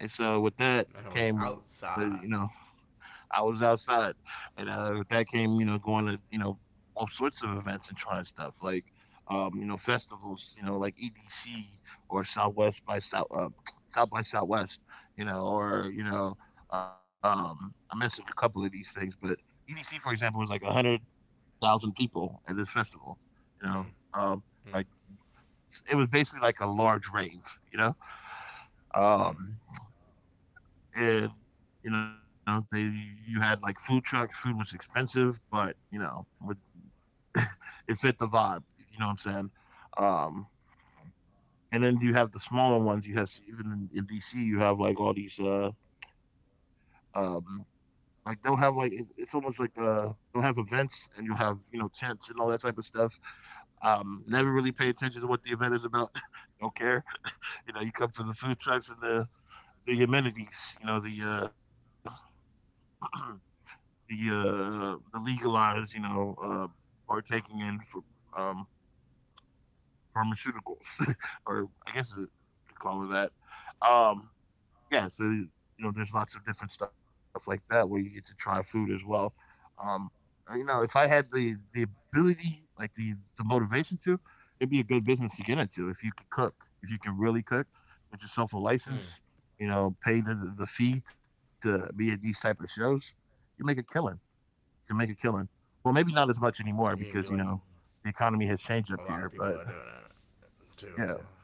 And so with that
I
came
was
with
outside.
I was outside, and that came, you know, going to you know all sorts of events and trying stuff like you know, festivals, you know, like EDC or Southwest by South South by Southwest, you know, or you know, I'm missing a couple of these things, but EDC, for example, was like a hundred thousand people at this festival, you know,
Mm.
um, like
Mm.
it was basically like a large rave, you know. Um,
Mm.
and you know they, you had like food trucks. Food was expensive, but you know would- it fit the vibe, you know what I'm saying. um and then you have the smaller ones. You have even in DC you have like all these um like they'll have like it's almost like they'll have events and you'll have you know tents and all that type of stuff. Never really
Mm.
pay attention to what the event is about. Don't care. You know, you come for the food trucks and the amenities, you know, the uh the legalized, you know, partaking in for, um, pharmaceuticals, or I guess you could call it that. Um, yeah, so you know, there's lots of different stuff like that where you get to try food as well. Um, you know, if I had the ability, like the motivation to, it'd be a good business to get into if you could cook, if you can really cook, get yourself a license.
Mm.
You know, pay the fee to be at these type of shows. You make a killing, can make a killing. Well, maybe not as much anymore
You can
because
even
you
do like
know the economy has changed up
a
here.
lot of
But
people are doing it
yeah,
too. Yeah.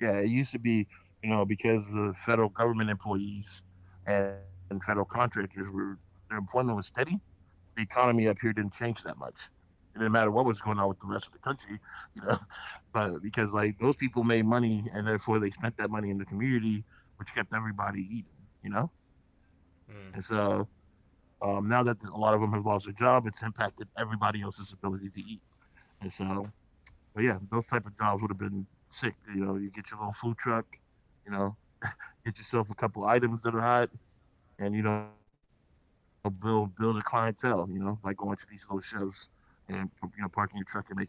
yeah, it used to be, you know, because the federal government employees and federal contractors were, their employment was steady. The economy up here didn't change that much. It didn't matter what was going on with the rest of the country, you know, but because like those people made money and therefore they spent that money in the community, which kept everybody eating, you know. And so
Mm.
Now that a lot of them have lost their job, it's impacted everybody else's ability to eat. And so, but yeah, those type of jobs would have been sick. You know, you get your little food truck, you know, get yourself a couple items that are hot, and you know, build a clientele. You know, by going to these little shows and you know, parking your truck and making money.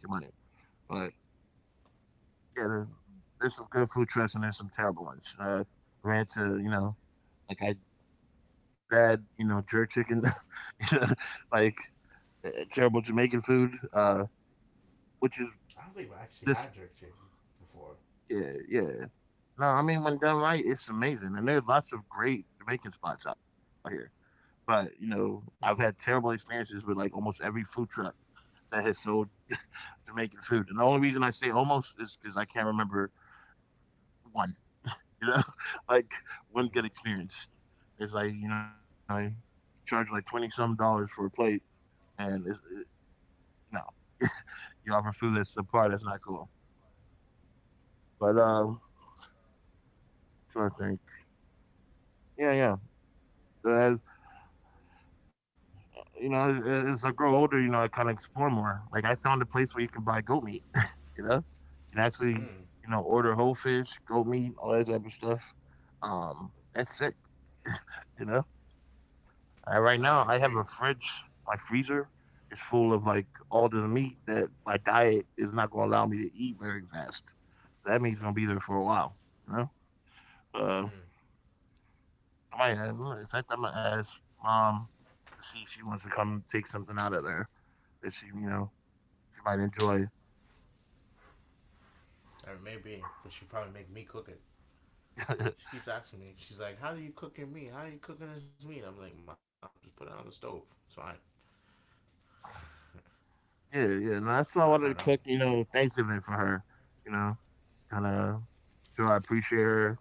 But yeah, there, there's some good food trucks and there's some terrible ones. Ran to you know, like I, bad you know jerk chicken, you know, like terrible Jamaican food, which is
I don't think we actually
just
had jerk chicken before.
yeah, yeah. No, I mean when done right, it's amazing, and there are lots of great Jamaican spots out here. But you know, I've had terrible
Mm.
experiences with like almost every food truck that has sold Jamaican food, and the only reason I say almost is because I can't remember one. You know, like one good experience. It's like you know, you charge like 20 some dollars for a plate, and you know, you offer food that's the part that's not cool. But Trying to think. Yeah, yeah. Uh, you know, as I grow older, you know, I kind of explore more. Like I found a place where you can buy goat meat. You know, you can actually,
Mm. Mm.
you know, order whole fish, goat meat, all that type of stuff. That's sick. You know, right now I have
I
a
agree.
fridge. My freezer is full of like all this meat that my diet is not going to allow me to eat very fast. That meat's going to be there for a while. You know. Uh,
Mm.
I might- in fact, I might ask mom to see if she wants to come take something out of there that she, you know, she might enjoy.
Or maybe, but she probably make me cook it.
Yeah,
She keeps asking me. She's like, "How do you cooking meat? How are you cooking this meat?" I'm like, "Mom, just put it on the stove." So I,
yeah. No,
I don't
that's why
know.
I wanted to cook, you know, Thanksgiving for her. You know, kind of show I appreciate her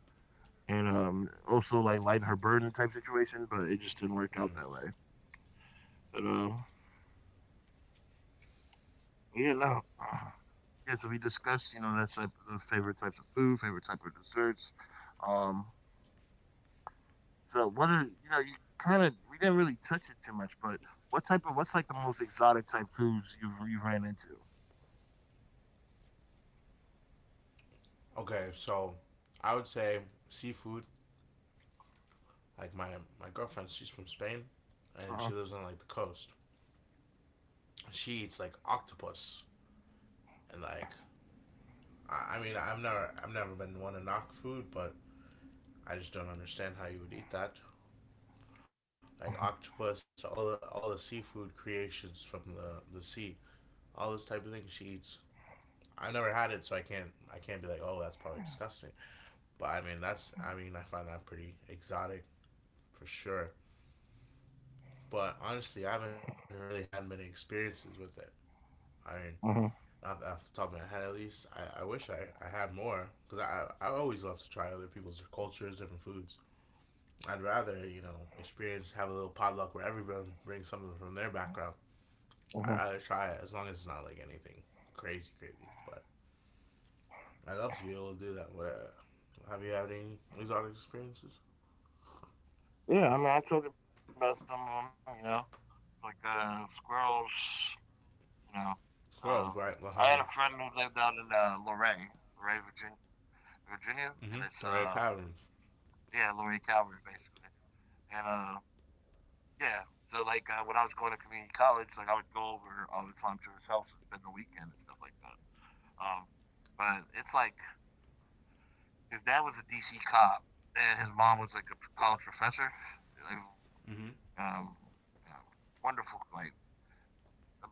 and also like lighten her burden type situation, but it just didn't work
Mm.
out that way. But Yeah, no. Yeah, so we discussed, you know, that's type the favorite types of food, favorite type of desserts. Um, So what are you know, you kind of we didn't really touch it too much, but what type of what's like the most exotic type foods you've you ran into?
Okay, so I would say seafood. Like my girlfriend, she's from Spain, and
Uh-huh.
she lives on like the coast. She eats like octopus and like I mean I've never been one to knock food, but I just don't understand how you would eat that. Like octopus, all the seafood creations from the sea, all this type of thing she eats. I never had it, so I can't be like, oh, that's probably disgusting. But I mean, that's I mean, I find that pretty exotic for sure. But honestly, I haven't really had many experiences with it. I mean,
Uh-huh.
off the top of my head at least. I had more because I always love to try other people's cultures, different foods. I'd rather, you know, experience, have a little potluck where everyone brings something from their background. I'd
Uh-huh.
rather try it as long as it's not like anything crazy, crazy. But I love to be able to do that. What, have you had any exotic experiences?
Yeah, I mean I told you about some of them, you know. Like squirrels, you know. Um
Squirrels,
I had
right?
a
La
friend
hunting.
who lived out in Luray, Virginia, and it's
Mm-hmm. Or at caverns.
yeah, Luray Calvary basically. And Yeah. So like when I was going to community college, like I would go over all the time to his house and spend the weekend and stuff like that. Um, but it's like his dad was a DC cop and his mom was like a college professor. Like,
Mm-hmm.
um, uh, wonderful. Like,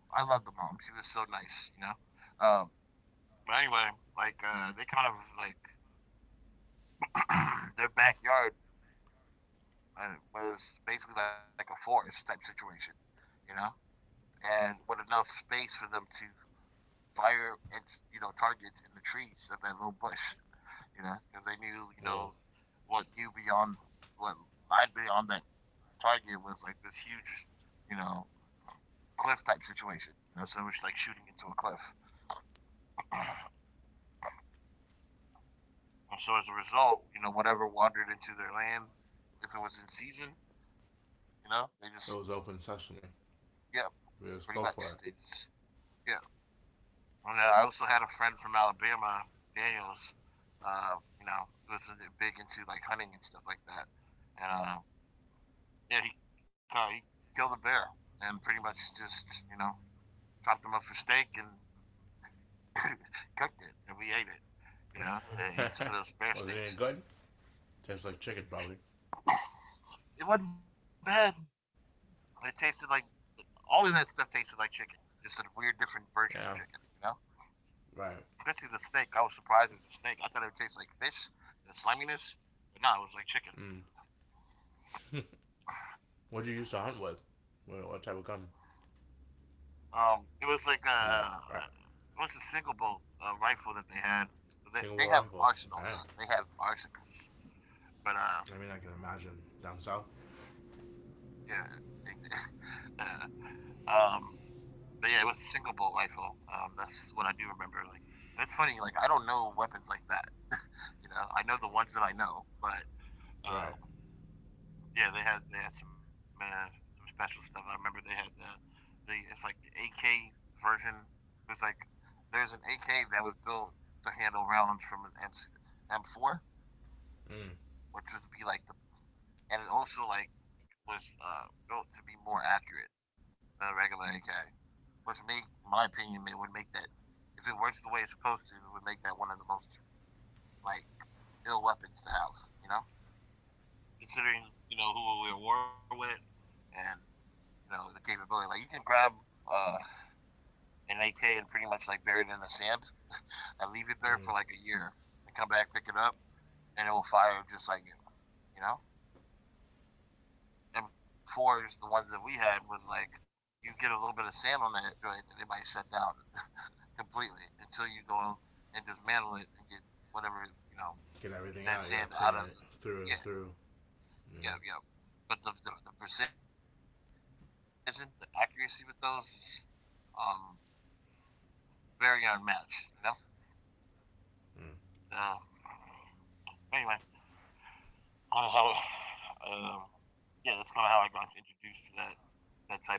I loved the mom. She was so nice, you know. Um, but anyway, they kind of like their backyard was basically like a forest type situation, you know, and with enough space for them to fire at you know targets in the trees of that little bush, you know, because they knew you know
Well,
what you beyond what I'd beyond that target was like this huge, you know, cliff type situation. You know, so it was like shooting into a cliff. So as a result, you know, whatever wandered into their land, if it was in season, you know, they just
it was open sesame.
yeah,
We just
pretty
go
much
for
they just yeah. And I also had a friend from Alabama, Daniels. You know, he was big into like hunting and stuff like that. And Yeah, he killed a bear and pretty much just you know chopped him up for steak and cooked it and we ate it. You know, and ate some
it.
of those bear
Was it
steaks. And
any good? Tastes like chicken, probably.
it wasn't bad. It tasted like all of that stuff tasted like chicken, just a weird, different version of
Yeah.
chicken. You know,
Right.
especially the snake. I was surprised at the snake. I thought it would taste like fish, the sliminess, but no, it was like chicken.
Mm. What'd you use to hunt with? What type of gun?
It was like
You
a
know, right.
it was a single bolt rifle that they had. They
Single
have
barrel rifle.
arsenals.
Wow.
They have arsenals. But
I mean, I can imagine down south.
Yeah, uh, um, but yeah, it was a single bolt rifle. That's what I do remember. Like, and it's funny. Like, I don't know weapons like that. You know, I know the ones that I know, but uh,
Right.
yeah, they had some special stuff. I remember they had the it's like the AK version. There's like there's an AK that was built to handle rounds from an M M4,
Mm.
which would be like the and it also like was built to be more accurate than a regular AK, which make, in my opinion, it would make that if it works the way it's supposed to, it would make that one of the most like ill weapons to have. You know, considering you know who we're at war with and you know the capability. Like you can grab uh, an AK and pretty much like bury it in the sand and leave it there for
Mm.
like a year and come back pick it up and it will fire just like you. You know, m fours the ones that we had was like you get a little bit of sand on that joint and it might shut down completely until you go and dismantle it and get whatever you know,
Get
get
everything
that
out. You gotta
sand
clean
out of
it
the
through and
yeah,
through. Yeah.
yeah, yeah. But the precision, the accuracy with those is um very unmatched, you know. Uh,
Mm.
anyway, kind of how um yeah, that's kind of how I got introduced to that that type of food.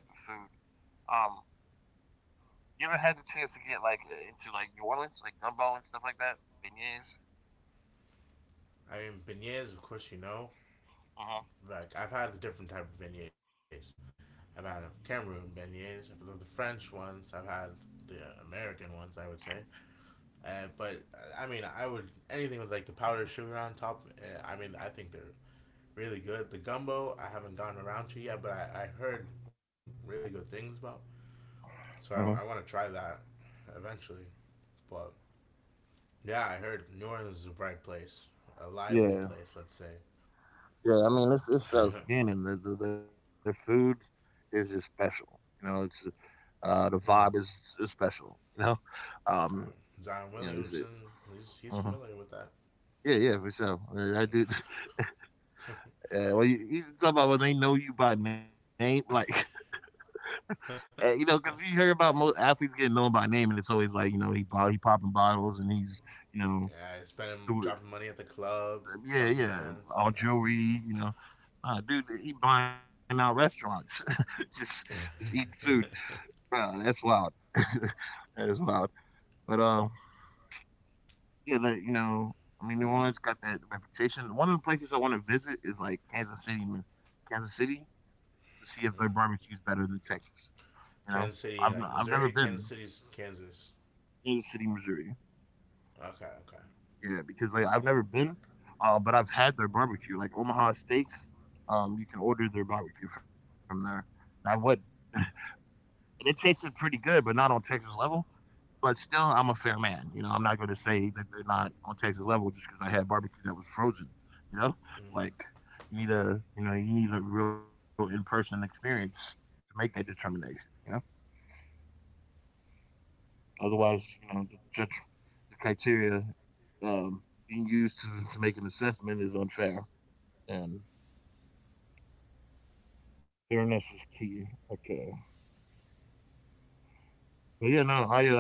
Um, you ever had the chance to get like into like New Orleans, like gumbo and stuff like that, beignets?
I mean, beignets, of course, you know.
Uh
Like I've had a different type of beignets. I've had Cameroon beignets. I've had the French ones. I've had the American ones. I would say. But I mean, I would anything with like the powdered sugar on top. I mean, I think they're really good. The gumbo I haven't gone around to yet, but I heard really good things about. So
huh.
I want to try that eventually. But yeah, I heard New Orleans is a bright place, a lively
Yeah.
place, let's say.
Yeah, I mean, it's it's
Mm.
outstanding. Their food is just special. You know, it's the vibe is special. Um,
Um,
you
Zion
know, is it?
Williamson, he's
Uh,
familiar with that.
yeah, yeah, for sure. I do. Well, you talk about when they know you by name, like you know,
Yeah,
because you hear about most athletes getting known by name, and it's always like you know he popping bottles and he's you know
spending
doing
dropping money at the club,
yeah
dropping
yeah
bands.
all
Nah.
jewelry you know. Dude, he buying out restaurants, just just eating food. Bro, that's wild. That is wild. But, yeah, like, you know, I mean, New Orleans got that reputation. One of the places I want to visit is like Kansas City, man. Kansas City to see if their barbecue's better than
Mm.
Texas. You know,
Kansas City,
I've
like
never
Missouri,
been
Kansas City's Kansas.
Kansas City, Missouri.
Okay, okay.
Yeah, because like I've never been, but I've had their barbecue. Like Omaha Steaks, you can order their barbecue from there, and I would. And it tasted pretty good, but not on Texas level. But still, I'm a fair man. You know, I'm not going to say that they're not on Texas level just because I had barbecue that was frozen. You know, like
Mm.
you know you need a real in person experience to make that determination. You know, otherwise, you know, the judge, the criteria being used to make an assessment is unfair, and fairness is key. Okay, but yeah, no, I uh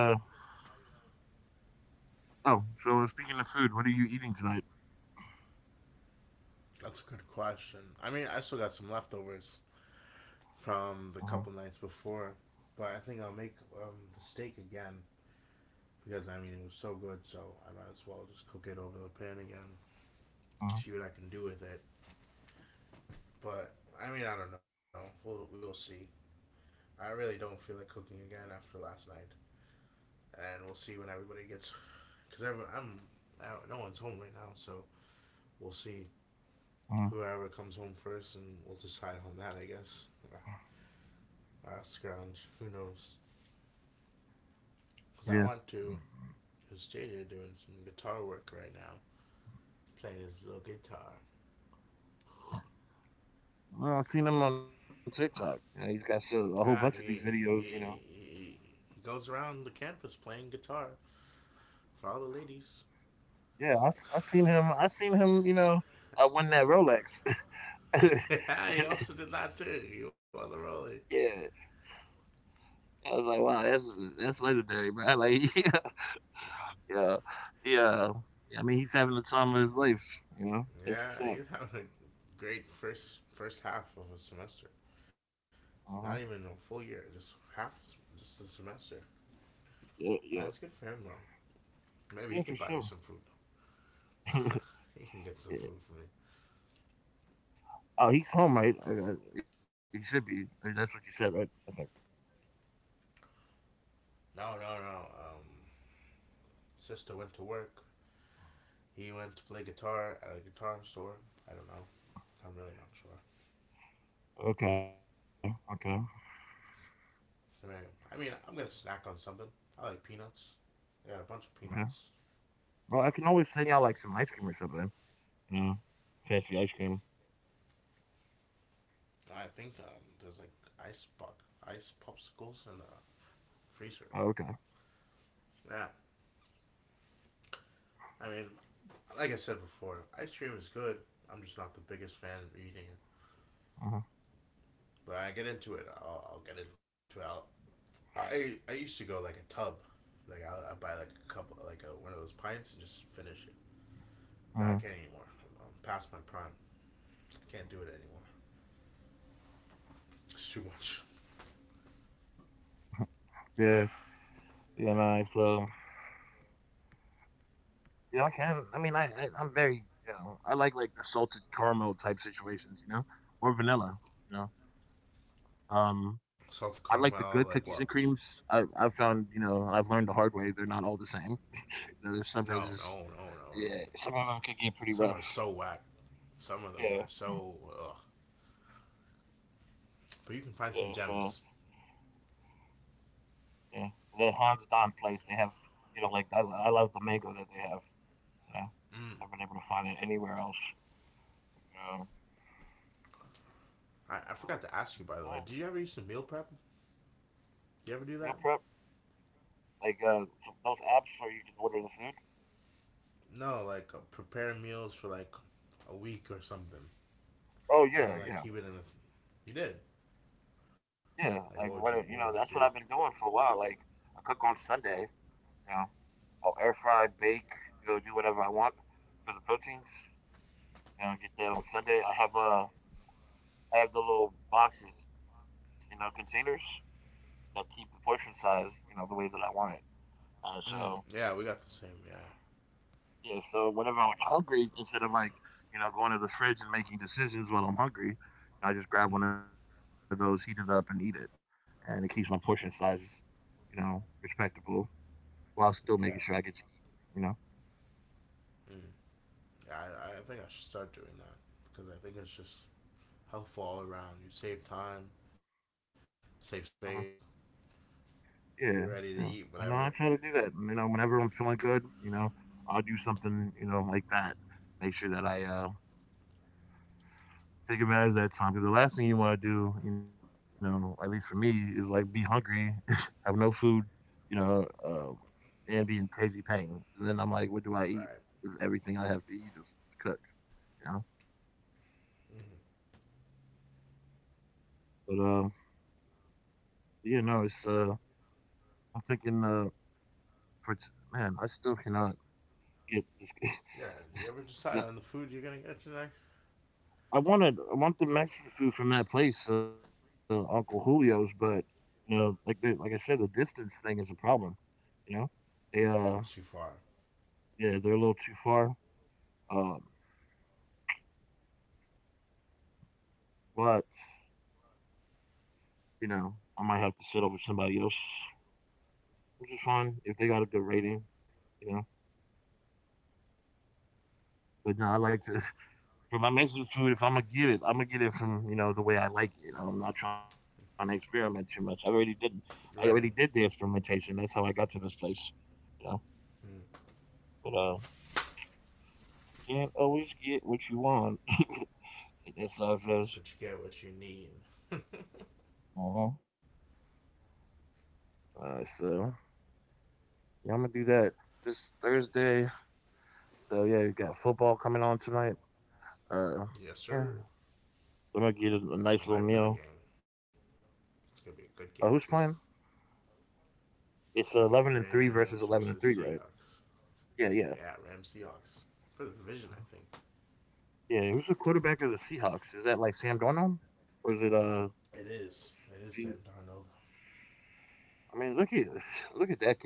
oh, so speaking of food, what are you eating tonight?
That's a good question. I mean, I still got some leftovers
Uh-huh,
from the couple nights before, but I think I'll make the steak again because I mean it was so good, so I might as well just cook it over the pan again,
uh-huh,
see what I can do with it. But I mean, I don't know. We will see. I really don't feel like cooking again after last night, and we'll see when everybody gets, because I'm no one's home right now, so we'll see whoever comes home first, and we'll decide on that, I guess. Uh, scrounge. Who knows?
uh-huh,
Because
yeah.
I want to. Because JJ doing some guitar work right now, playing his little guitar.
No, I've seen him on TikTok. You know, he's got so, a whole bunch of these
Ah,
videos.
he,
You know,
he, he, he goes around the campus playing guitar for all the ladies.
yeah, I seen him. I seen him. You know, I won that Rolex.
Yeah, he also did that too. You on the
Yeah,
rollie?
I was like, wow, that's legendary, bro. Like, yeah, yeah, yeah. I mean, he's having the time of his life. You know, that's what's
Yeah,
up.
he's having a great first half of a semester.
Uh huh.
Not even a full year, just half, just a semester.
Yeah, yeah,
That's good for him though. Maybe
yeah,
he
for
can buy me
sure.
some food.
Yeah.
He can get some food for me.
Oh, he's home, right? He should be. That's what you said, right? Okay,
No, no, no. Sister went to work. He went to play guitar at a guitar store. I don't know. I'm really not sure.
okay, okay, okay.
So anyway, I mean, I'm gonna snack on something. I like peanuts. I got a bunch of peanuts.
Well, I can always send y'all like some ice cream or something. Fancy ice cream.
I think there's like ice pop, ice popsicles in the
Oh,
freezer.
okay.
Yeah. I mean, like I said before, ice cream is good. I'm just not the biggest fan of eating it.
Uh-huh.
But I get into it. I'll get into it. I used to go like a tub, like I buy like a couple like a, one of those pints and just finish it. Now I
Uh-huh.
can't anymore. I'm past my prime. I can't do it anymore. It's too much.
Yeah. Yeah, nice. So, yeah, I can. I mean, I'm very, you know, I like the salted caramel type situations, you know, or vanilla, you know. Um, I
Salted
like the good
caramel,
cookies
like
and
what?
creams. I have found, you know, I've learned the hard way. They're not all the same. You know, there's sometimes
No,
just
no, no, no,
yeah,
no.
some of them could get pretty
Some
rough.
are so whack. Some of them
Yeah,
are so ugh.
yeah.
But you can
So
find some gems.
yeah, the Hans Don place they have, you know, like I love the mango that they have. You know,
Mm.
I've been able to find it anywhere else. Um,
I
well,
forgot
yeah,
to ask you by the way. Did you ever use the meal prep?
mm-hmm. Meal
You ever
prep,
do that?
so those apps where you can order the food.
No, like prepare meals for like a week or something,
Oh
and
yeah,
then like
yeah.
keep it in. The... Th- You did.
Yeah,
Like,
you know, that's
what
what
would
I've
you
been
do?
doing for a while. Like I cook on Sunday, you know, I'll air fry, bake, you know, do whatever I want for the proteins. You know, get that on Sunday. I have the little boxes, you know, containers that keep the portion size, you know, the way that I want it. So
Mm, yeah, we got the same. Yeah.
yeah, so whenever I'm hungry, instead of like, you know, going to the fridge and making decisions when I'm hungry, I just grab one of
Mm.
those, heat it up, and eat it. And it keeps my portion size, you know, respectable while still making sure
Yeah.
I get to eat, you know?
Mm. Yeah. I think I should start doing that because I think it's just helpful all around. You save time, save
Hmm.
space.
Yeah,
You're ready to
yeah.
eat
I know
whatever.
I try to do that. You know, whenever I'm feeling good, you know, I'll do something, you know, like that. Make sure that I take advantage of that time. Because the last thing you want to do, you know, at least for me, is like be hungry, have no food, you know, and be in crazy pain. And then I'm like, what do I eat?
Right.
Because everything I have to eat is cooked, you know?
Mhm.
But, yeah, no, it's, I'm thinking, for, t- man, I still cannot get this.
Yeah. Did you ever
Yeah,
decide on the food you're gonna get today?
I want the Mexican food from that place, Uncle Julio's, but, you know, like, the, like I said, the distance thing is a problem, you know? They,
It's too far.
yeah, they're a little too far. Um, but, you know, I might have to sit over somebody else, which is fine if they got a good rating, you know? But no, I like to for my Mexican food, if I'm gonna get it, I'm gonna get it from you know the way I like it. I'm not trying to experiment too much. I already did. I already did the
Right.
experimentation. That's how I got to this place. You know,
Mm.
but can't always get what you want. That's how it says.
But you get what you need.
Uh-huh. So yeah, I'm gonna do that this Thursday. So yeah, we got football coming on tonight. Uh,
Yes,
yeah,
sir.
I'm gonna get a
I'm
nice little
hyped for the
meal.
game. It's gonna be a good
Who's
game
playing?
too.
It's
It's gonna be
11 and three versus
Rams
11 and
versus
three, right?
Seahawks.
Yeah, yeah.
Yeah, Rams Seahawks. For the division, I think.
Mm-hmm. Yeah, who's the quarterback of the Seahawks? Is that like Sam Darnold? Or is it
It is.
Gene?
It is Sam Darnold.
I mean, look at look at that kid, man.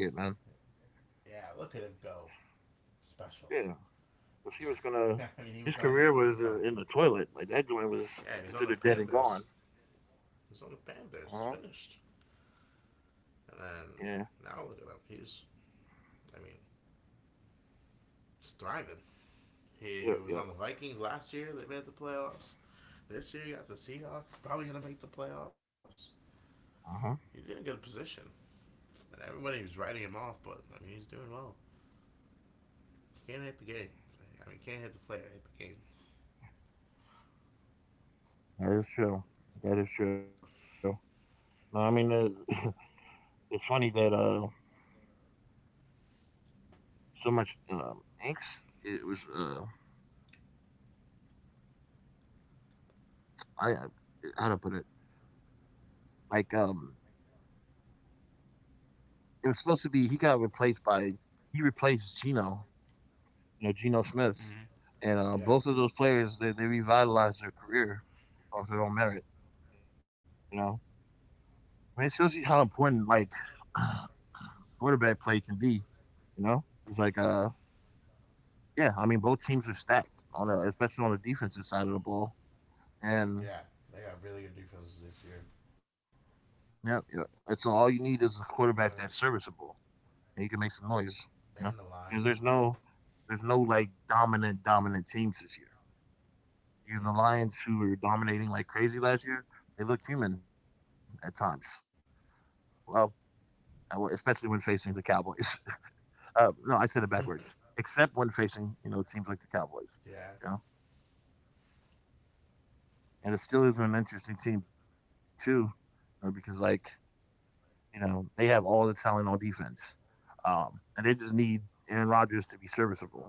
Yeah, look at him go. Special.
Yeah, 'cause he was gonna.
I mean, he was
His
on.
career
He was
was
on.
in the toilet. Like that joint was
Yeah, he was on the
considered dead and
Panthers.
gone.
He
Uh
was on the
huh.
Panthers. Finished. And then
Yeah.
now look at him. He's. I mean, just thriving. He,
Yep.
he
Yep.
was on the Vikings last year. They made the playoffs. This year, you got the Seahawks. Probably gonna make the playoffs.
Uh huh.
He's in a good position. And everybody was writing him off, but I mean, he's doing well. Can't hit the game. I mean, can't hit the player. Hit the game.
That is true. That is true. No, I mean, it's funny that so much angst. It was I I- how to put it. Like um, it was supposed to be he replaced Gino, you know, Geno Smith.
Mm-hmm.
And both of those
Yeah.
players, they revitalized their career off their own merit, you know. I mean, it shows you how important, like, quarterback play can be, you know. It's like, yeah, I mean, both teams are stacked, especially on the defensive side of the ball. And,
Yeah. They got really good defenses this year.
yeah, yeah, and so all you need is a quarterback that's
Um,
serviceable and you can make some noise, you know.
and the line.
Because there's no, like, dominant, dominant teams this year. And the Lions, who were dominating like crazy last year, they looked human at times. Well, especially when facing the Cowboys. No, I said it backwards.
Mm-mm.
Except when facing, you know, teams like the Cowboys. You know,
Yeah.
and the Steelers are an interesting team too, you know, because like they have all the talent on defense, and they just need Aaron Rodgers to be serviceable.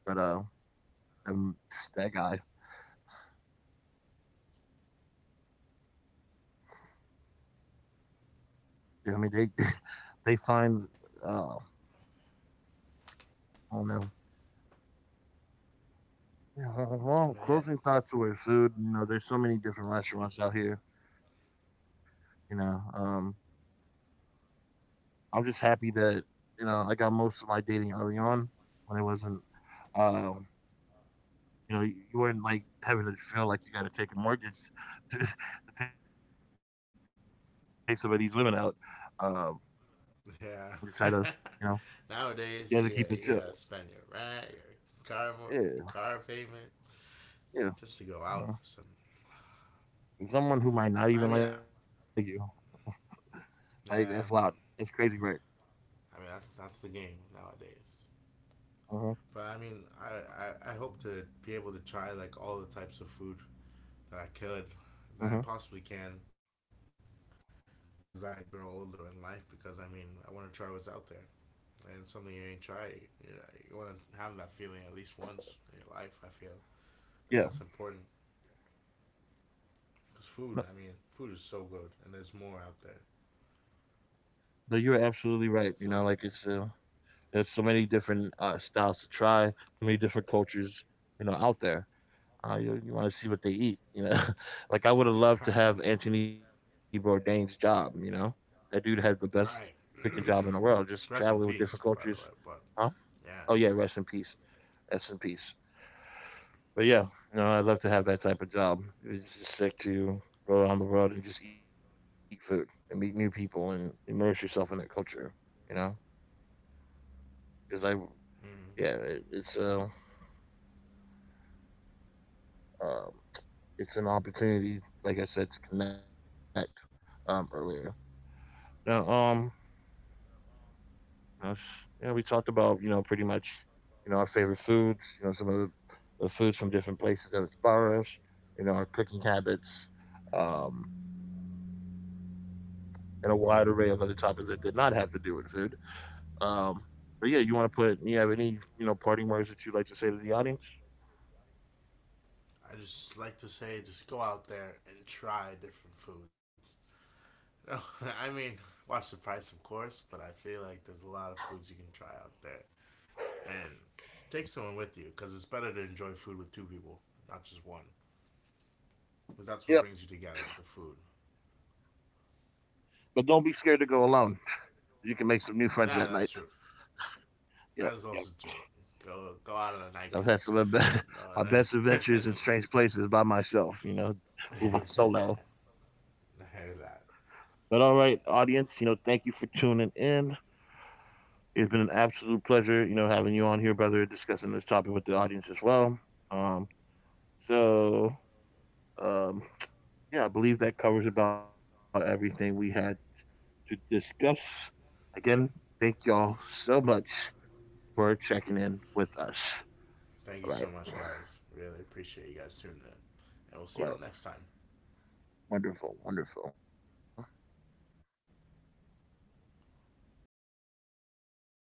But um, that guy, you know, I mean, they they find uh, I don't know. Yeah, well,
I
closing
mean, they had.
thoughts to food. You know, there's so many different restaurants out here. You know, I'm just happy that you know I got most of my dating early on when it wasn't. Um, you know, you weren't like having to feel like you got to take a mortgage to take somebody's women out. Um, I just had to,
Yeah.
you know, you had to
Nowadays,
keep it chill.
you gotta spend your rent,
Yeah,
your car payment,
yeah.
just to go out
Uh,
for some.
and someone who might not even like
I
you,
mean, I,
like that's wild.
yeah.
That's crazy, right?
I mean, that's the game nowadays.
Uh huh.
But I mean, I hope to be able to try like all the types of food that I could,
Uh huh.
that I possibly can as I grow older in life because I mean I want to try what's out there and something you ain't tried. You know, you want to have that feeling at least once in your life. I feel I think
Yeah.
that's important because food. I mean, food is so good and there's more out there.
No, you're absolutely right, you know,
So
like, it's there's so many different, styles to try, so many different cultures, you know, out there. You wanna see what they eat, you know? Like, I would've loved to have
right,
Anthony Bourdain's job, you know? That dude had the best freaking
right.
job in the world, just traveling with
Rest in
different
peace,
cultures.
by the way. But
Huh? Oh, yeah,
yeah,
rest in peace. Rest in peace. But, yeah, no, I'd love to have that type of job. It's just sick to go around the world and just eat food and meet new people and immerse yourself in their culture, you know, because I
mm,
Yeah, it, it's a um, it's an opportunity, like I said, to connect earlier. Now, us- you know, we talked about, you know, pretty much, you know, our favorite foods, you know, some of the foods from different places that inspire us, you know, our cooking habits, um, and a wide array of other topics that did not have to do with food. Um, but yeah, you want to put you have any, you know, parting words that you'd like to say to the audience?
I just like to say just go out there and try different foods. No, I mean, watch the price, of course, but I feel like there's a lot of foods you can try out there and take someone with you because it's better to enjoy food with two people, not just one, because that's what
Yep.
brings you together. The food.
But don't be scared to go alone. You can make some new friends that night.
Yeah, that's true.
Yep. Yep.
That is also true. Go
I've
out on
had
a
some of
nightcap.
the my best
No,
adventures in
no.
strange places by myself, you know, moving solo.
I
But all
hear
right,
that.
audience, you know, thank you for tuning in. It's been an absolute pleasure, you know, having you on here, brother, discussing this topic with the audience as well. Um, so um, yeah, I believe that covers about everything we had to discuss. Again, thank y'all so much for checking in with us. All
Thank you so much, guys. Really appreciate you guys tuning in,
right,
and we'll see y'all next time.
wonderful, wonderful.